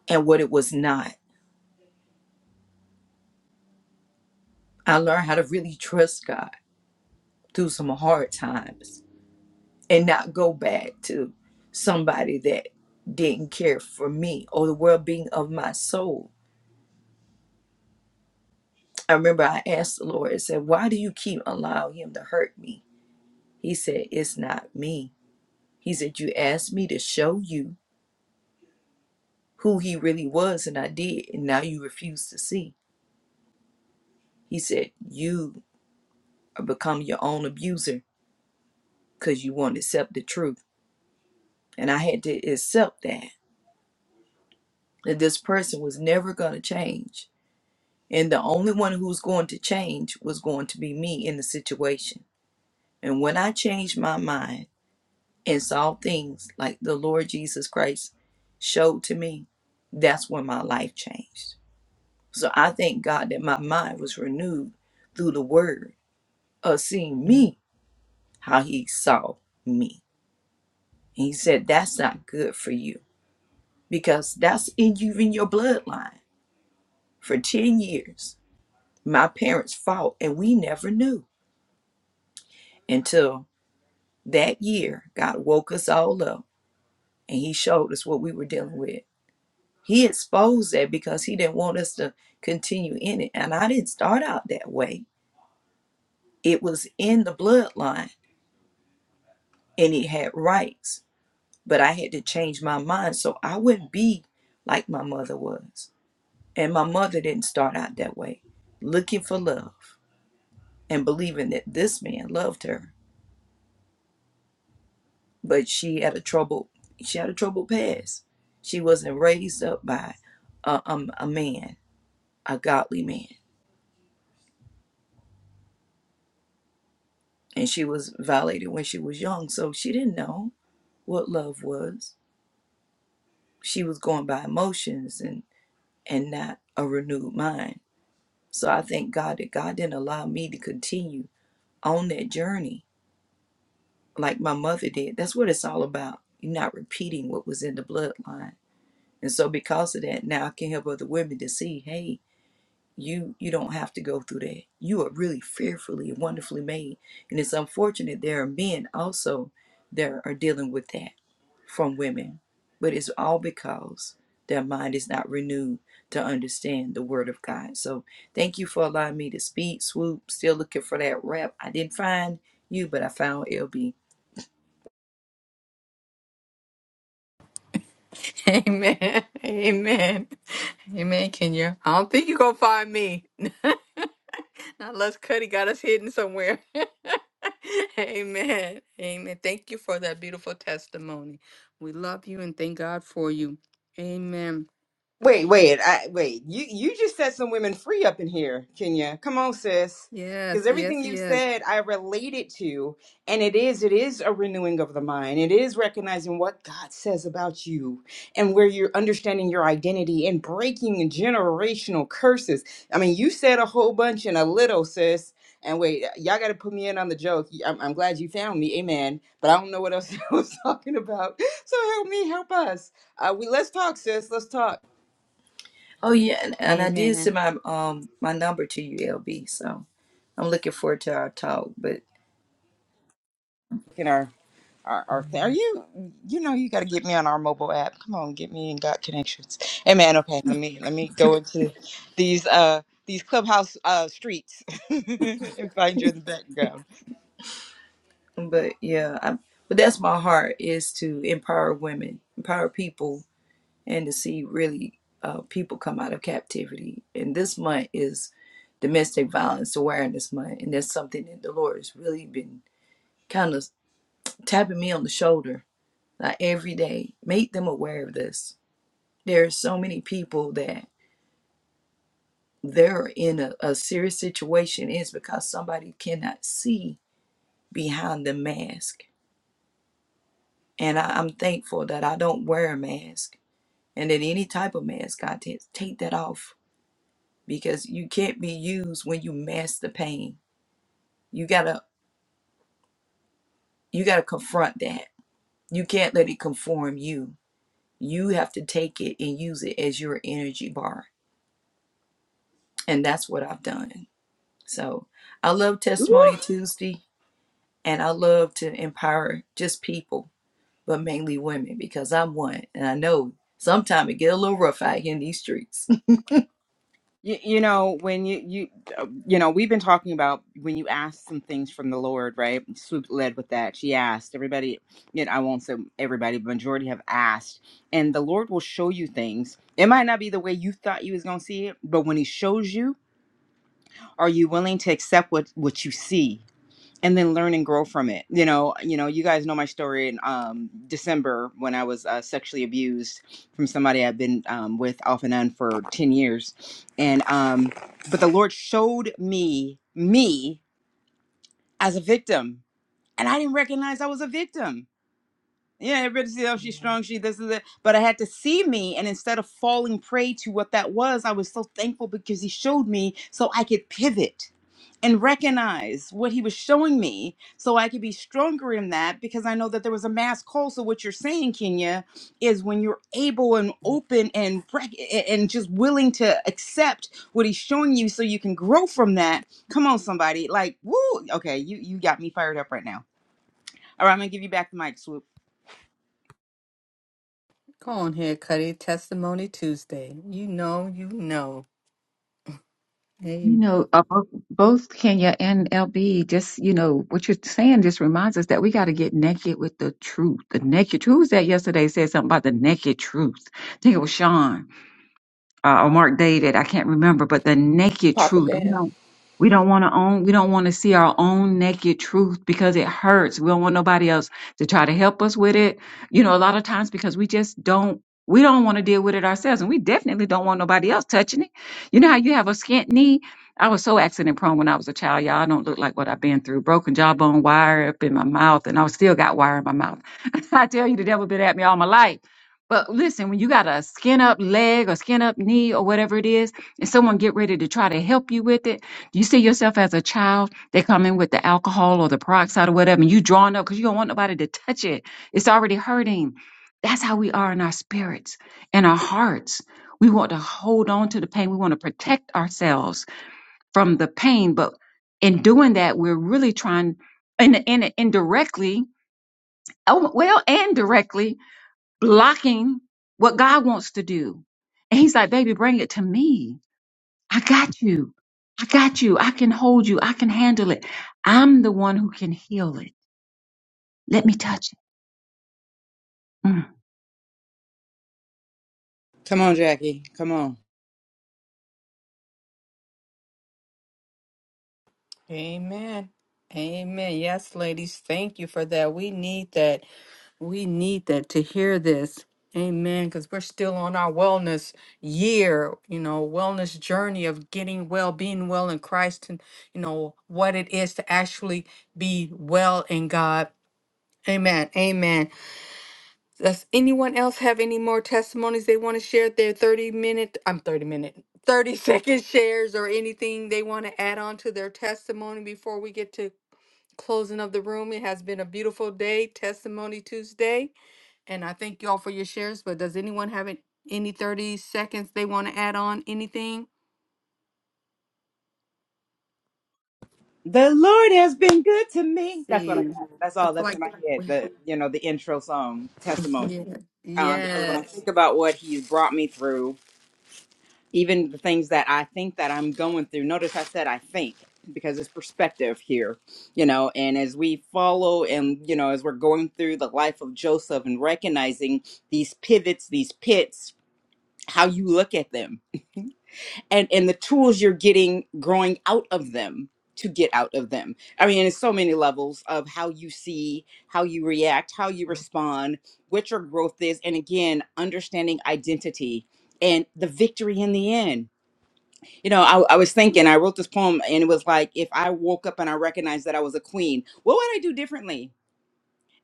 and what it was not. I learned how to really trust God through some hard times and not go back to somebody that didn't care for me or the well being of my soul. I remember I asked the Lord, and said, Why do you keep allowing him to hurt me? He said, It's not me He said, You asked me to show you who he really was, and I did, and now you refuse to see. He said, You become your own abuser because you won't accept the truth. And I had to accept that, that this person was never going to change. And the only one who was going to change was going to be me in the situation. And when I changed my mind and saw things like the Lord Jesus Christ showed to me, that's when my life changed. So I thank God that my mind was renewed through the word of seeing me how he saw me. And he said, That's not good for you because that's in you in your bloodline. For 10 years, my parents fought and we never knew until that year God woke us all up and he showed us what we were dealing with. He exposed that because he didn't want us to continue in it. And I didn't start out that way. It was in the bloodline and it had rights but I had to change my mind so I wouldn't be like my mother was. And my mother didn't start out that way, looking for love and believing that this man loved her. But she had a troubled she had a troubled past. She wasn't raised up by a, um, a man, a godly man, and she was violated when she was young, so she didn't know what love was. She was going by emotions and and not a renewed mind. So I thank God that God didn't allow me to continue on that journey like my mother did. That's what it's all about. You're not repeating what was in the bloodline. And so because of that, now I can help other women to see, hey, you you don't have to go through that. You are really fearfully and wonderfully made. And it's unfortunate there are men also that are dealing with that from women. But it's all because their mind is not renewed to understand the word of God. So thank you for allowing me to speak, swoop. Still looking for that rap. I didn't find you, but I found LB. Amen. Amen. Amen, Kenya. I don't think you're going to find me. Not unless Cuddy got us hidden somewhere. Amen. Amen. Thank you for that beautiful testimony. We love you and thank God for you. Amen. Wait, wait, I, wait. You you just set some women free up in here, Kenya. Come on, sis. Yes, Because everything yes, you yes. said, I related to, and it is it is a renewing of the mind. It is recognizing what God says about you, and where you're understanding your identity and breaking generational curses. I mean, you said a whole bunch in a little, sis. And wait, y'all got to put me in on the joke. I'm, I'm glad you found me, amen. But I don't know what else I was talking about. So help me, help us. Uh, we let's talk, sis. Let's talk. Oh yeah, and, and I did Amen. send my um my number to you, LB. So I'm looking forward to our talk. But in our our, our thing. Are you you know you got to get me on our mobile app. Come on, get me in God connections. Hey man, okay, let me let me go into these uh these clubhouse uh streets and find you in the background. but yeah, I, but that's my heart is to empower women, empower people, and to see really uh, people come out of captivity. And this month is domestic violence awareness month, and that's something that the Lord has really been kind of tapping me on the shoulder like every day. Make them aware of this. There are so many people that they're in a, a serious situation is because somebody cannot see behind the mask. And I, I'm thankful that I don't wear a mask and that any type of mask, I t- take that off because you can't be used when you mask the pain. You gotta you gotta confront that. You can't let it conform you. You have to take it and use it as your energy bar. And that's what I've done. So I love Woo! Testimony Tuesday and I love to empower just people but mainly women because I'm one, and I know sometimes it get a little rough out here in these streets. You, you know, when you, you, uh, you know, we've been talking about when you ask some things from the Lord, right? Swoop led with that. She asked everybody, you know, I won't say everybody, but majority have asked. And the Lord will show you things. It might not be the way you thought you was going to see it, but when he shows you, are you willing to accept what what you see and then learn and grow from it you know you know you guys know my story in um december when i was uh, sexually abused from somebody i've been um, with off and on for 10 years and um but the lord showed me me as a victim and i didn't recognize i was a victim yeah, everybody says, oh, she's strong, she this is it. But I had to see me, and instead of falling prey to what that was, I was so thankful because he showed me so I could pivot and recognize what he was showing me so I could be stronger in that because I know that there was a mass call. So what you're saying, Kenya, is when you're able and open and rec- and just willing to accept what he's showing you so you can grow from that. Come on, somebody. Like, woo, okay, you you got me fired up right now. All right, I'm gonna give you back the mic, Swoop. Go on here, Cuddy. Testimony Tuesday. You know, you know. You Amen. know, uh, bo- both Kenya and LB, just, you know, what you're saying just reminds us that we got to get naked with the truth. The naked truth. Who was that yesterday said something about the naked truth? I think it was Sean. uh, or Mark David, I can't remember, but the naked Papa truth. We Dan, don't we don't want to own we don't want to see our own naked truth because it hurts. We don't want nobody else to try to help us with it. You know, a lot of times because we just don't we don't want to deal with it ourselves and we definitely don't want nobody else touching it. You know how you have a skint knee? I was so accident prone when I was a child, y'all. I don't look like what I've been through. Broken jawbone wire up in my mouth, and I still got wire in my mouth. I tell you, the devil been at me all my life but listen, when you got a skin up leg or skin up knee or whatever it is, and someone get ready to try to help you with it, you see yourself as a child, they come in with the alcohol or the peroxide or whatever, and you drawing up because you don't want nobody to touch it. It's already hurting. That's how we are in our spirits and our hearts. We want to hold on to the pain. We want to protect ourselves from the pain. But in doing that, we're really trying, and, and indirectly, oh, well, and directly, blocking what God wants to do. And he's like, baby, bring it to me. I got you. I got you. I can hold you. I can handle it. I'm the one who can heal it. Let me touch it. Mm. Come on, Jackie. Come on. Amen. Amen. Yes, ladies, thank you for that. We need that. We need that to hear this. Amen. Because we're still on our wellness year, you know, wellness journey of getting well, being well in Christ, and, you know, what it is to actually be well in God. Amen. Amen. Does anyone else have any more testimonies they want to share? Their 30 minute, I'm 30 minute, 30 second shares or anything they want to add on to their testimony before we get to closing of the room? It has been a beautiful day, Testimony Tuesday. And I thank you all for your shares, but does anyone have an- any 30 seconds they want to add on anything? The Lord has been good to me. That's what I See, got. That's all looks that's in like, my head. we- The you know, the intro song testimony. yeah, Um, because when I yes. think about what he's brought me through, even the things that I think that I'm going through, notice I said I think because it's perspective here, you know, and as we follow and you know, as we're going through the life of Joseph and recognizing these pivots, these pits, how you look at them. and and the tools you're getting growing out of them to get out of them i mean it's so many levels of how you see how you react how you respond what your growth is and again understanding identity and the victory in the end you know I, I was thinking i wrote this poem and it was like if i woke up and i recognized that i was a queen what would i do differently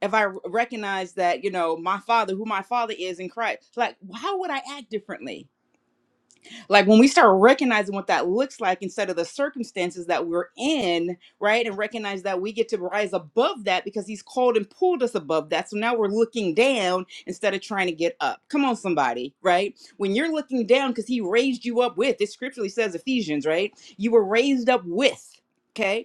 if i r- recognized that you know my father who my father is in christ like how would i act differently like when we start recognizing what that looks like instead of the circumstances that we're in right and recognize that we get to rise above that because he's called and pulled us above that so now we're looking down instead of trying to get up come on somebody right when you're looking down because he raised you up with it scripturally says ephesians right you were raised up with okay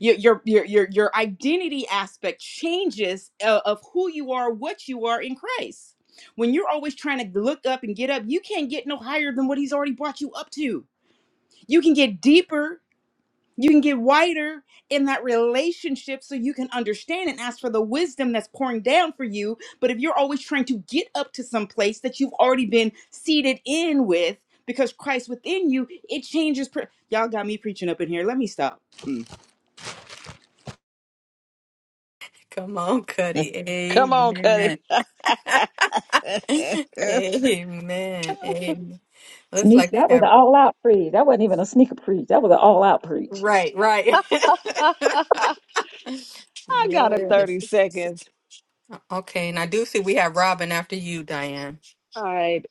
your your your your, your identity aspect changes uh, of who you are what you are in christ when you're always trying to look up and get up you can't get no higher than what he's already brought you up to you can get deeper you can get wider in that relationship so you can understand and ask for the wisdom that's pouring down for you but if you're always trying to get up to some place that you've already been seated in with because christ within you it changes pre- y'all got me preaching up in here let me stop Come on, Cuddy. Come on, Cuddy. Amen. Amen. Amen. Looks Sneak, like you that was have, an all out preach. That wasn't even a sneaker preach. That was an all out preach. right, right. I got a yes. 30 seconds. Okay, and I do see we have Robin after you, Diane. All right.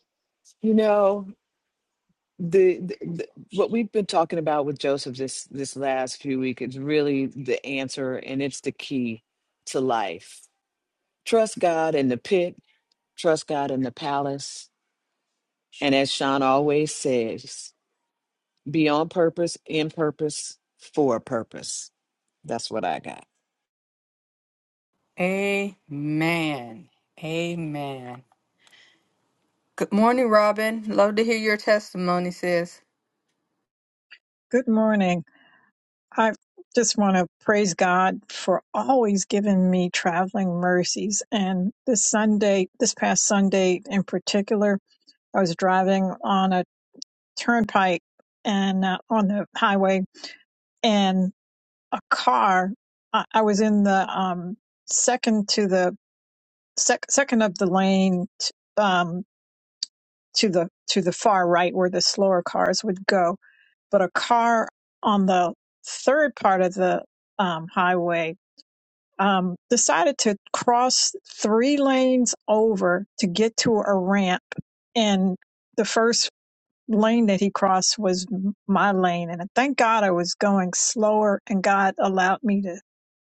You know, the, the, the what we've been talking about with Joseph this this last few weeks is really the answer and it's the key to life. Trust God in the pit Trust God in the palace. And as Sean always says, be on purpose, in purpose, for a purpose. That's what I got. Amen. Amen. Good morning, Robin. Love to hear your testimony, sis. Good morning. I just want to praise God for always giving me traveling mercies. And this Sunday, this past Sunday in particular, I was driving on a turnpike and uh, on the highway, and a car, I, I was in the um, second to the sec- second of the lane t- um, to the to the far right where the slower cars would go but a car on the third part of the um, highway um, decided to cross three lanes over to get to a ramp. And the first lane that he crossed was m- my lane. And thank God I was going slower, and God allowed me to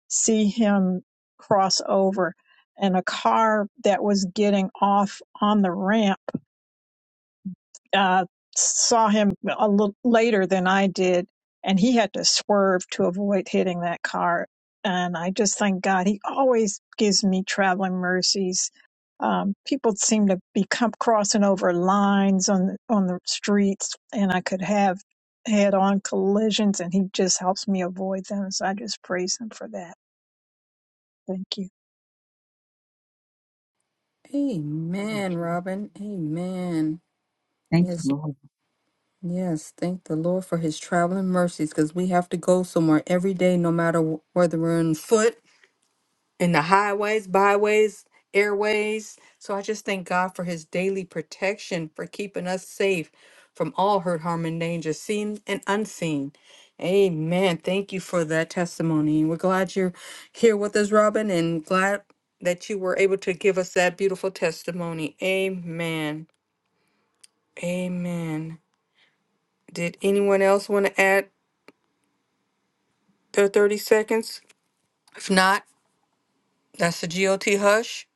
see him cross over. And a car that was getting off on the ramp uh, saw him a little later than I did, and he had to swerve to avoid hitting that car. And I just thank God he always gives me traveling mercies. Um, people seem to be com- crossing over lines on on the streets, and I could have head on collisions, and he just helps me avoid them. So I just praise him for that. Thank you. Amen, Robin. Amen. Thank you, Yes, Lord. yes. Thank the Lord for his traveling mercies because we have to go somewhere every day, no matter wh- whether we're on foot in the highways, byways, airways. So I just thank God for his daily protection for keeping us safe from all hurt, harm, and danger, seen and unseen. Amen. Thank you for that testimony. We're glad you're here with us, Robin, and glad that you were able to give us that beautiful testimony. Amen. Amen. Did anyone else want to add their 30 seconds? If not, That's the GOT hush.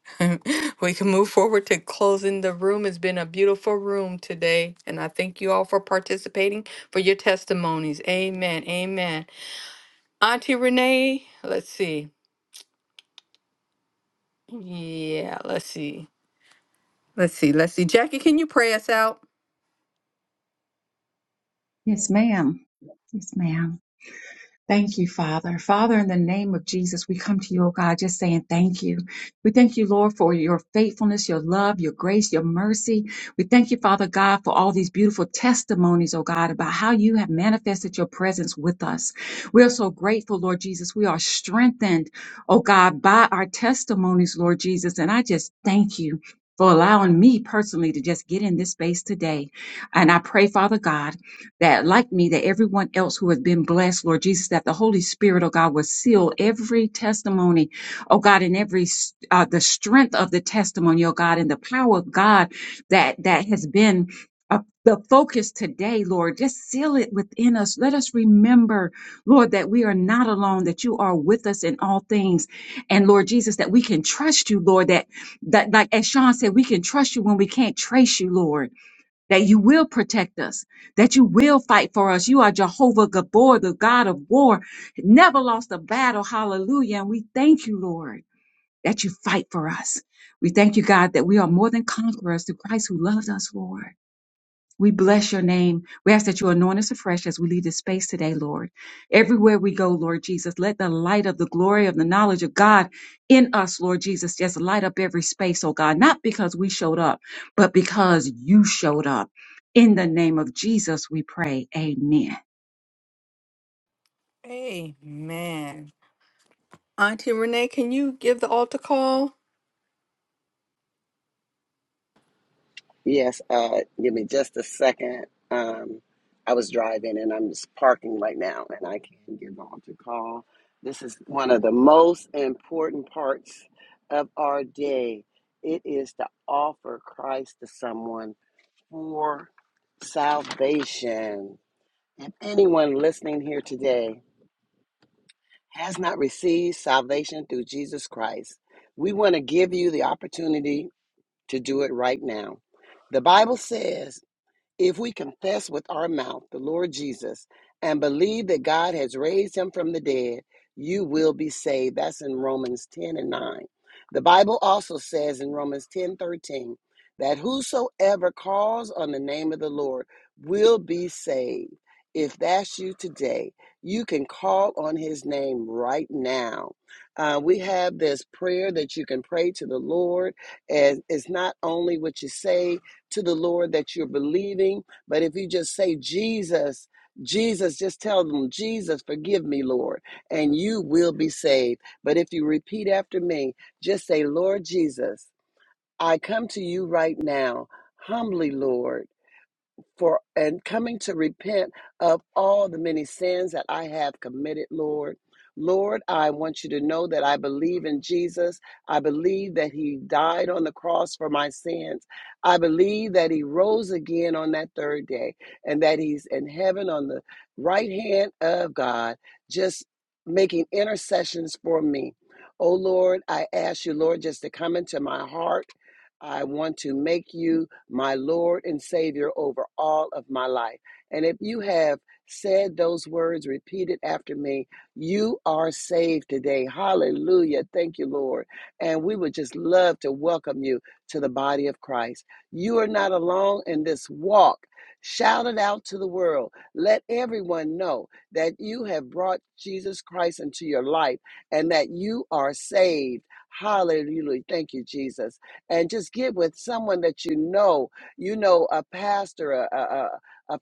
we can move forward to closing the room. It's been a beautiful room today. And I thank you all for participating, for your testimonies. Amen. Amen. Auntie Renee, let's see. Yeah, let's see. Let's see. Let's see. Jackie, can you pray us out? Yes, ma'am. Yes, ma'am. Thank you, Father. Father, in the name of Jesus, we come to you, oh God, just saying thank you. We thank you, Lord, for your faithfulness, your love, your grace, your mercy. We thank you, Father God, for all these beautiful testimonies, oh God, about how you have manifested your presence with us. We are so grateful, Lord Jesus. We are strengthened, oh God, by our testimonies, Lord Jesus. And I just thank you. For allowing me personally to just get in this space today. And I pray, Father God, that like me, that everyone else who has been blessed, Lord Jesus, that the Holy Spirit, oh God, will seal every testimony, oh God, and every, uh, the strength of the testimony, oh God, and the power of God that, that has been uh, the focus today, Lord, just seal it within us. Let us remember, Lord, that we are not alone, that you are with us in all things. And Lord Jesus, that we can trust you, Lord, that, that like as Sean said, we can trust you when we can't trace you, Lord that you will protect us, that you will fight for us. You are Jehovah Gabor, the God of war, never lost a battle. Hallelujah. And we thank you, Lord, that you fight for us. We thank you, God, that we are more than conquerors through Christ who loved us, Lord. We bless your name. We ask that you anoint us afresh as we leave this space today, Lord. Everywhere we go, Lord Jesus, let the light of the glory of the knowledge of God in us, Lord Jesus, just light up every space, oh God, not because we showed up, but because you showed up. In the name of Jesus, we pray. Amen. Amen. Auntie Renee, can you give the altar call? Yes, uh, give me just a second. Um, I was driving and I'm just parking right now and I can get on to call. This is one of the most important parts of our day. It is to offer Christ to someone for salvation. If anyone listening here today has not received salvation through Jesus Christ, we want to give you the opportunity to do it right now. The Bible says, if we confess with our mouth the Lord Jesus and believe that God has raised him from the dead, you will be saved. That's in Romans 10 and 9. The Bible also says in Romans 10 13 that whosoever calls on the name of the Lord will be saved. If that's you today, you can call on his name right now. Uh, we have this prayer that you can pray to the Lord, and it's not only what you say, to the Lord that you're believing. But if you just say, Jesus, Jesus, just tell them, Jesus, forgive me, Lord, and you will be saved. But if you repeat after me, just say, Lord Jesus, I come to you right now, humbly, Lord for and coming to repent of all the many sins that I have committed, Lord. Lord, I want you to know that I believe in Jesus. I believe that he died on the cross for my sins. I believe that he rose again on that third day and that he's in heaven on the right hand of God, just making intercessions for me. Oh Lord, I ask you, Lord, just to come into my heart. I want to make you my Lord and Savior over all of my life. And if you have said those words repeated after me, you are saved today. Hallelujah. Thank you, Lord. And we would just love to welcome you to the body of Christ. You are not alone in this walk. Shout it out to the world. Let everyone know that you have brought Jesus Christ into your life and that you are saved. Hallelujah. Thank you, Jesus and just get with someone that you know, you know, a pastor, a, a, a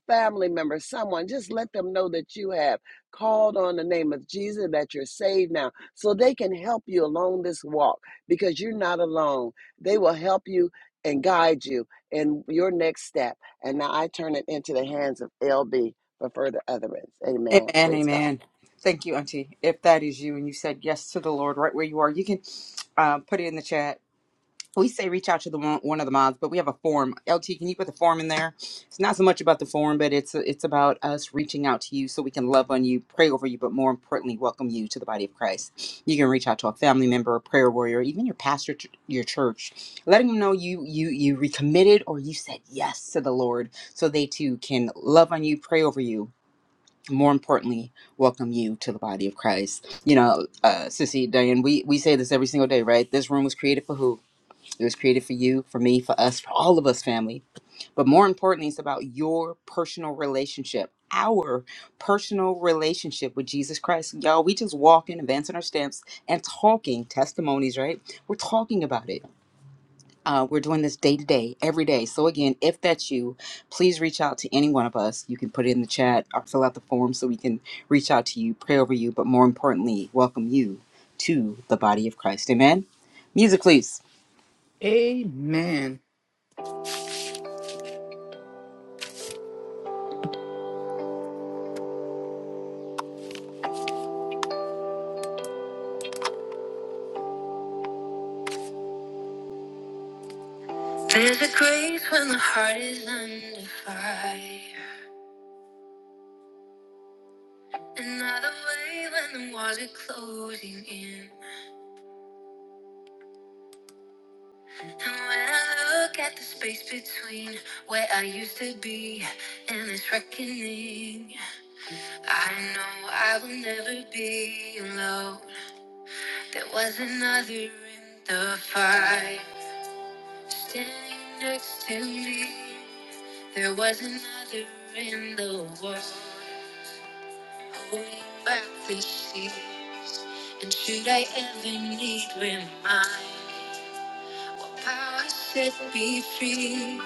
family member, someone, just let them know that you have called on the name of Jesus, that you're saved now, so they can help you along this walk because you're not alone. They will help you and guide you in your next step. And now I turn it into the hands of LB for further utterance. Amen. Amen, Praise God. amen. Thank you, Auntie. If that is you and you said yes to the Lord right where you are, you can uh, put it in the chat. We say reach out to the one one of the mods, but we have a form. LT, can you put the form in there? It's not so much about the form, but it's it's about us reaching out to you so we can love on you, pray over you, but more importantly, welcome you to the body of Christ. You can reach out to a family member, a prayer warrior, even your pastor, ch- your church, letting them know you you you recommitted or you said yes to the Lord, so they too can love on you, pray over you, more importantly, welcome you to the body of Christ. You know, uh, Sissy, Diane, we, we say this every single day, right? This room was created for who? It was created for you, for me, for us, for all of us, family. But more importantly, it's about your personal relationship, our personal relationship with Jesus Christ. Y'all, we just walking, advancing our steps, and talking testimonies, right? We're talking about it. Uh, we're doing this day to day, every day. So, again, if that's you, please reach out to any one of us. You can put it in the chat or fill out the form so we can reach out to you, pray over you, but more importantly, welcome you to the body of Christ. Amen. Music, please. Amen. There's a grace when the heart is under fire. Another way when the walls are closing in. And when I look at the space between where I used to be and this reckoning, I know I will never be alone. There was another in the fire standing next to me. There was another in the world holding back the seas. And should I ever need reminding? Power set me free.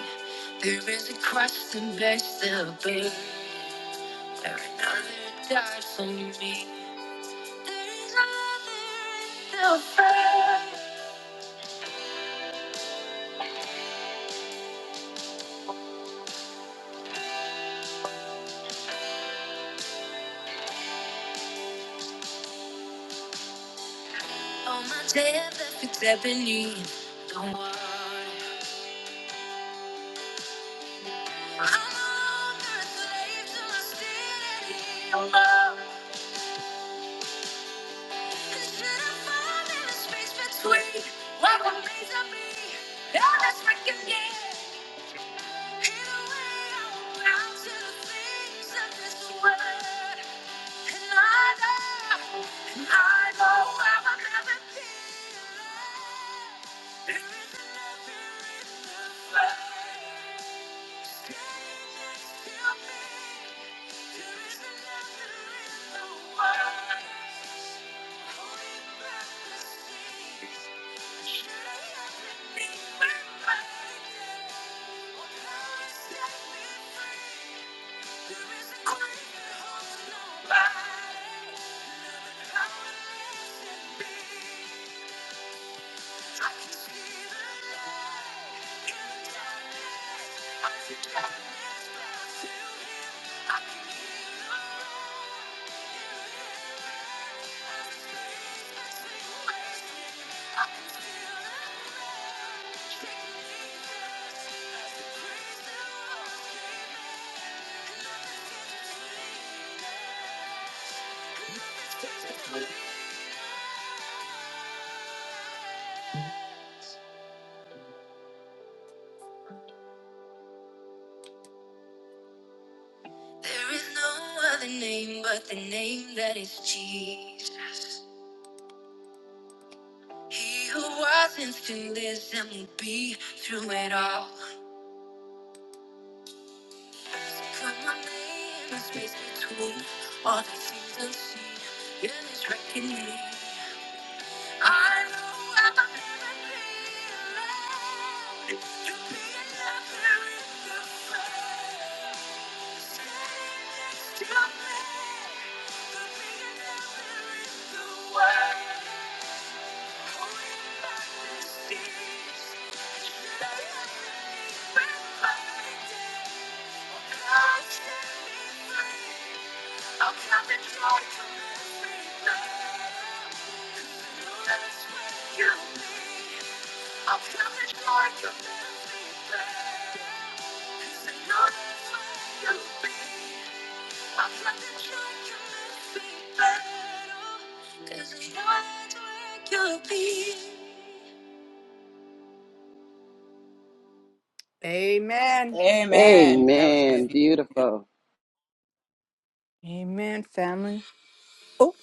There is a cross and that bears the pain. Another died for me. There is another the fire. On my day I left every step Don't worry, I'm no longer a slave to my sin anymore. Instead of falling in the space between what remains of me and that's reckoning. set me free. There is no other name but the name that is Jesus. He who was and still is and will be through it all. Put my name in the space between all the things unseen in this reckoning. I know i will never be alone. You'll be another in the fray. Stand next to me. There'll be another in the way. Cause I know that's where you'll be. Amen. Amen. That was Amen. good. Beautiful. Amen, family. Oh,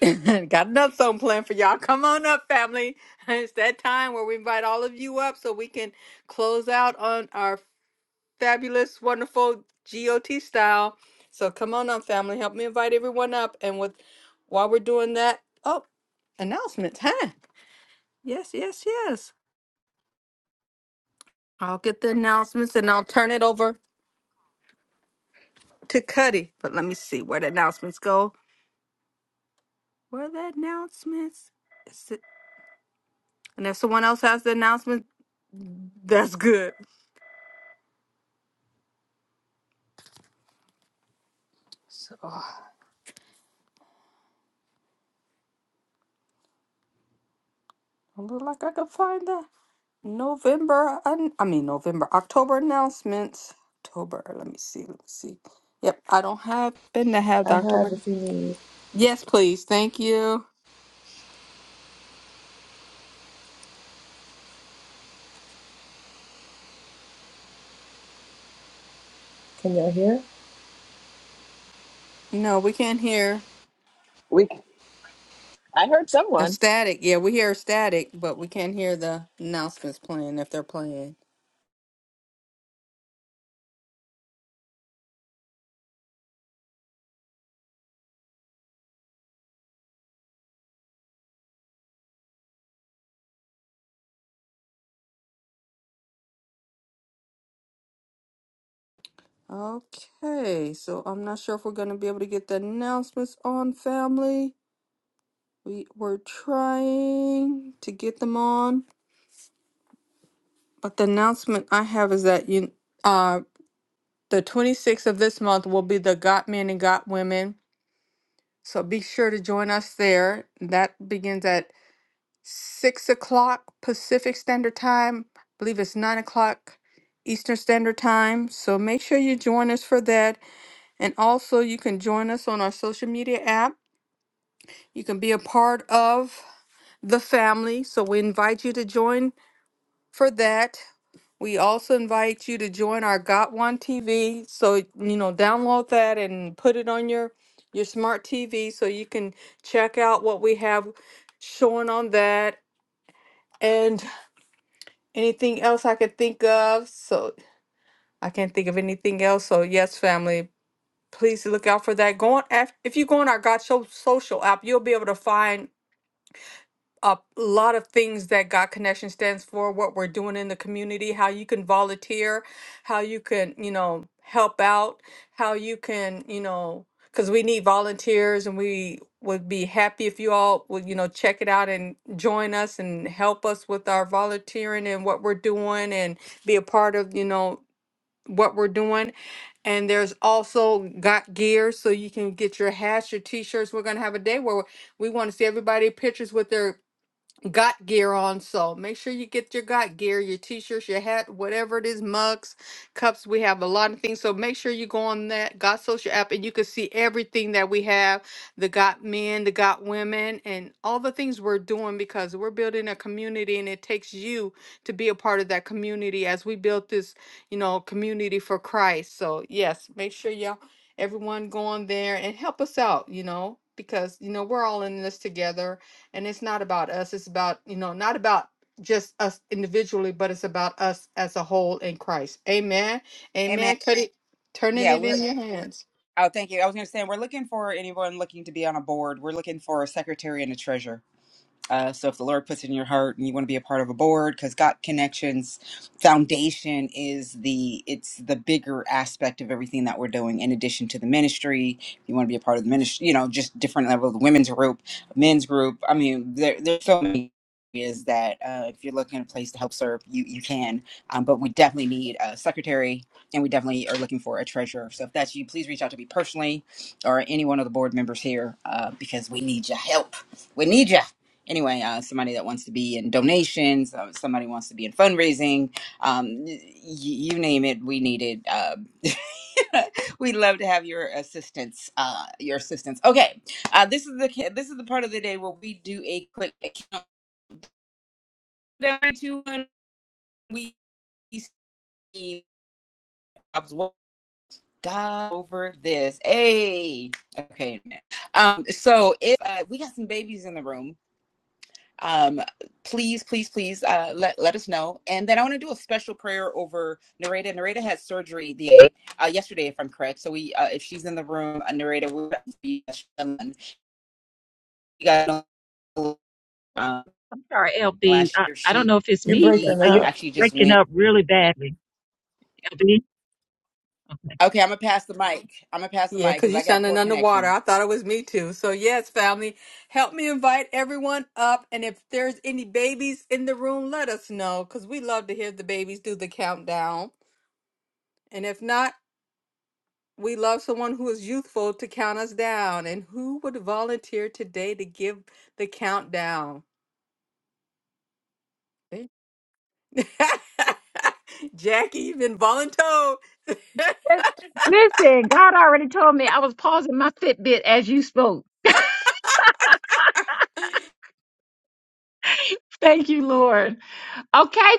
got another song planned for y'all. Come on up, family. It's that time where we invite all of you up so we can close out on our fabulous, wonderful GOT style. So come on up, family. Help me invite everyone up. And with while we're doing that, oh, announcements, huh? Yes, yes, yes. I'll get the announcements and I'll turn it over to Cuddy. But let me see where the announcements go. Where the announcements? And if someone else has the announcement, that's good. So it look like I could find the November, an- I mean November, October announcements. October, let me see, let me see. Yep, I don't happen to have the I have October. if you need. Yes, please, thank you. Can y'all hear? No, we can't hear We I heard a someone static. Yeah, we hear static, but we can't hear the announcements playing if they're playing. Okay, so I'm not sure if we're gonna be able to get the announcements on family. We were trying to get them on, but the announcement I have is that you, uh, the 26th of this month will be the Got Men and Got Women. So be sure to join us there. That begins at six o'clock Pacific Standard Time. I believe it's nine o'clock Eastern Standard Time. So make sure you join us for that. And also, you can join us on our social media app. You can be a part of the family. So we invite you to join for that. We also invite you to join our Got One TV. So, you know, download that and put it on your your smart TV so you can check out what we have showing on that and anything else I could think of. So, I can't think of anything else. So, yes, family, please look out for that. Go on af- if you go on our Got Show social app, you'll be able to find a lot of things that God Connection stands for, what we're doing in the community, how you can volunteer, how you can, you know, help out, how you can, you know, because we need volunteers and we would be happy if you all would, you know, check it out and join us and help us with our volunteering and what we're doing and be a part of, you know, what we're doing. And there's also got gear so you can get your hats, your t-shirts. We're gonna have a day where we want to see everybody pictures with their got gear on. So make sure you get your got gear, your t-shirts, your hat, whatever it is, mugs, cups. We have a lot of things. So make sure you go on that Got Social app and you can see everything that we have, the got men, the got women, and all the things we're doing because we're building a community and it takes you to be a part of that community as we build this, you know, community for Christ. So yes, make sure y'all everyone go on there and help us out, you know, because you know we're all in this together and it's not about us it's about you know not about just us individually but it's about us as a whole in christ amen Amen. amen cut it turning Yeah, it we're. in your hands Oh, thank you. I was going to say we're looking for anyone looking to be on a board. We're looking for a secretary and a treasurer. Uh, so if the Lord puts it in your heart and you want to be a part of a board, because God Connections Foundation is the it's the bigger aspect of everything that we're doing. In addition to the ministry, if you want to be a part of the ministry, you know, just different level of the women's group, men's group. I mean, there, there's so many areas that uh, if you're looking at a place to help serve, you you can. Um, but we definitely need a secretary, and we definitely are looking for a treasurer. So if that's you, please reach out to me personally or any one of the board members here uh, because we need your help. We need you anyway, uh, somebody that wants to be in donations, uh, somebody wants to be in fundraising, um, y- you name it, we needed. Uh, we'd love to have your assistance. Uh, your assistance. Okay, uh, this is the ca- this is the part of the day where we do a quick countdown to when we see Bob's wo- God over this. Hey, okay. Um, so if uh, we got some babies in the room, um, please, please, please uh, let, let us know. And then I want to do a special prayer over Nareda. Nareda had surgery the uh, yesterday, if I'm correct. So we, uh, if she's in the room, uh, Nareda, we be you guys know um, I'm sorry, LB. last I, year I don't she know if it's You're me, but breaking are you up. actually just breaking went. up really badly, LB? Okay. Okay, I'm gonna pass the mic. I'm gonna pass the yeah mic because because you're I got sounding poor underwater connection. i thought it was me too so yes family help me invite everyone up and if there's any babies in the room let us know because we love to hear the babies do the countdown and if not we love someone who is youthful to count us down and who would volunteer today to give the countdown Jackie, you've been voluntold. Listen, God already told me I was pausing my Fitbit as you spoke. Thank you. Okay,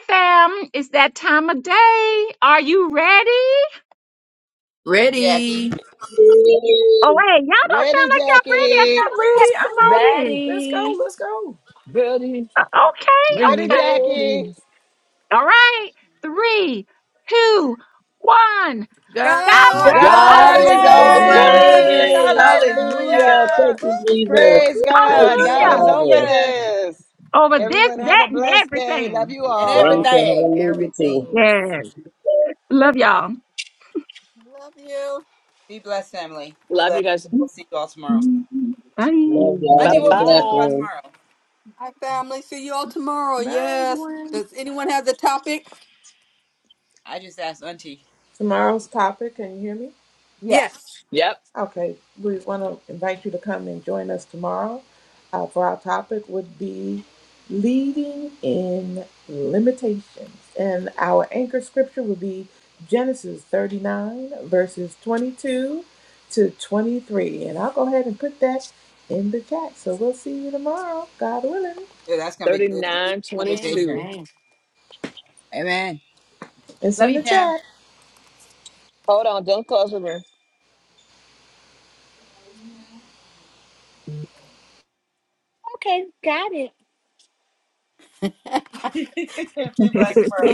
Are you ready? Ready? Jackie, Oh, God hey, y'all don't sound ready, like y'all ready after all Jackie. I'm those ready. I'm ready. testimonies. Let's go. ready, Let's go. ready, Okay, we Ready, okay. Jackie. ready. All right. Three, two, one. God's God, God's over God's oh, God over over Don's is is this. over over Yes, over there. He this. over this. this. is. this. this. Hallelujah. Hallelujah. Thank Hallelujah. you, Woo. Jesus. woo. Praise Thank God. you, God is hallelujah. over Father. Hallelujah this. Over this, Everyone have that, a and blessed day. Love everything. you and Brian all. said everything. hallelujah too. Everything. Yes. Love y'all. Love you. Be blessed, family. We Love love. you guys. You. We'll see you all tomorrow. Bye. Love y'all. Bye Auntie, Have what a are we blessed talking about bye. one. tomorrow? Hi, family. See you all tomorrow. Bye, Yes. everyone. Does anyone have the topic? I just asked Auntie. Tomorrow's topic, can you hear me? Yeah. Yes. Yep. Okay, we want to invite you to come and join us tomorrow uh, for our topic would be leading in limitations. And our anchor scripture would be Genesis 39, verses 22 to 23. And I'll go ahead and put that in the chat. So we'll see you tomorrow, God willing. Yeah, that's gonna be good. Limitation. 3922. Amen. Amen. It's Love in you, the Pam. chat. Hold on. Don't close the be blessed, world.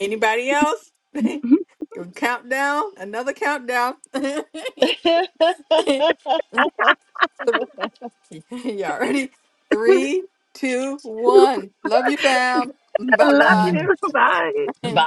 Anybody else? Your countdown, another countdown. Three. Y'all ready? Three, two, one. Love you, fam. I Bye love room. you. Bye. bye. Mhm. Bye.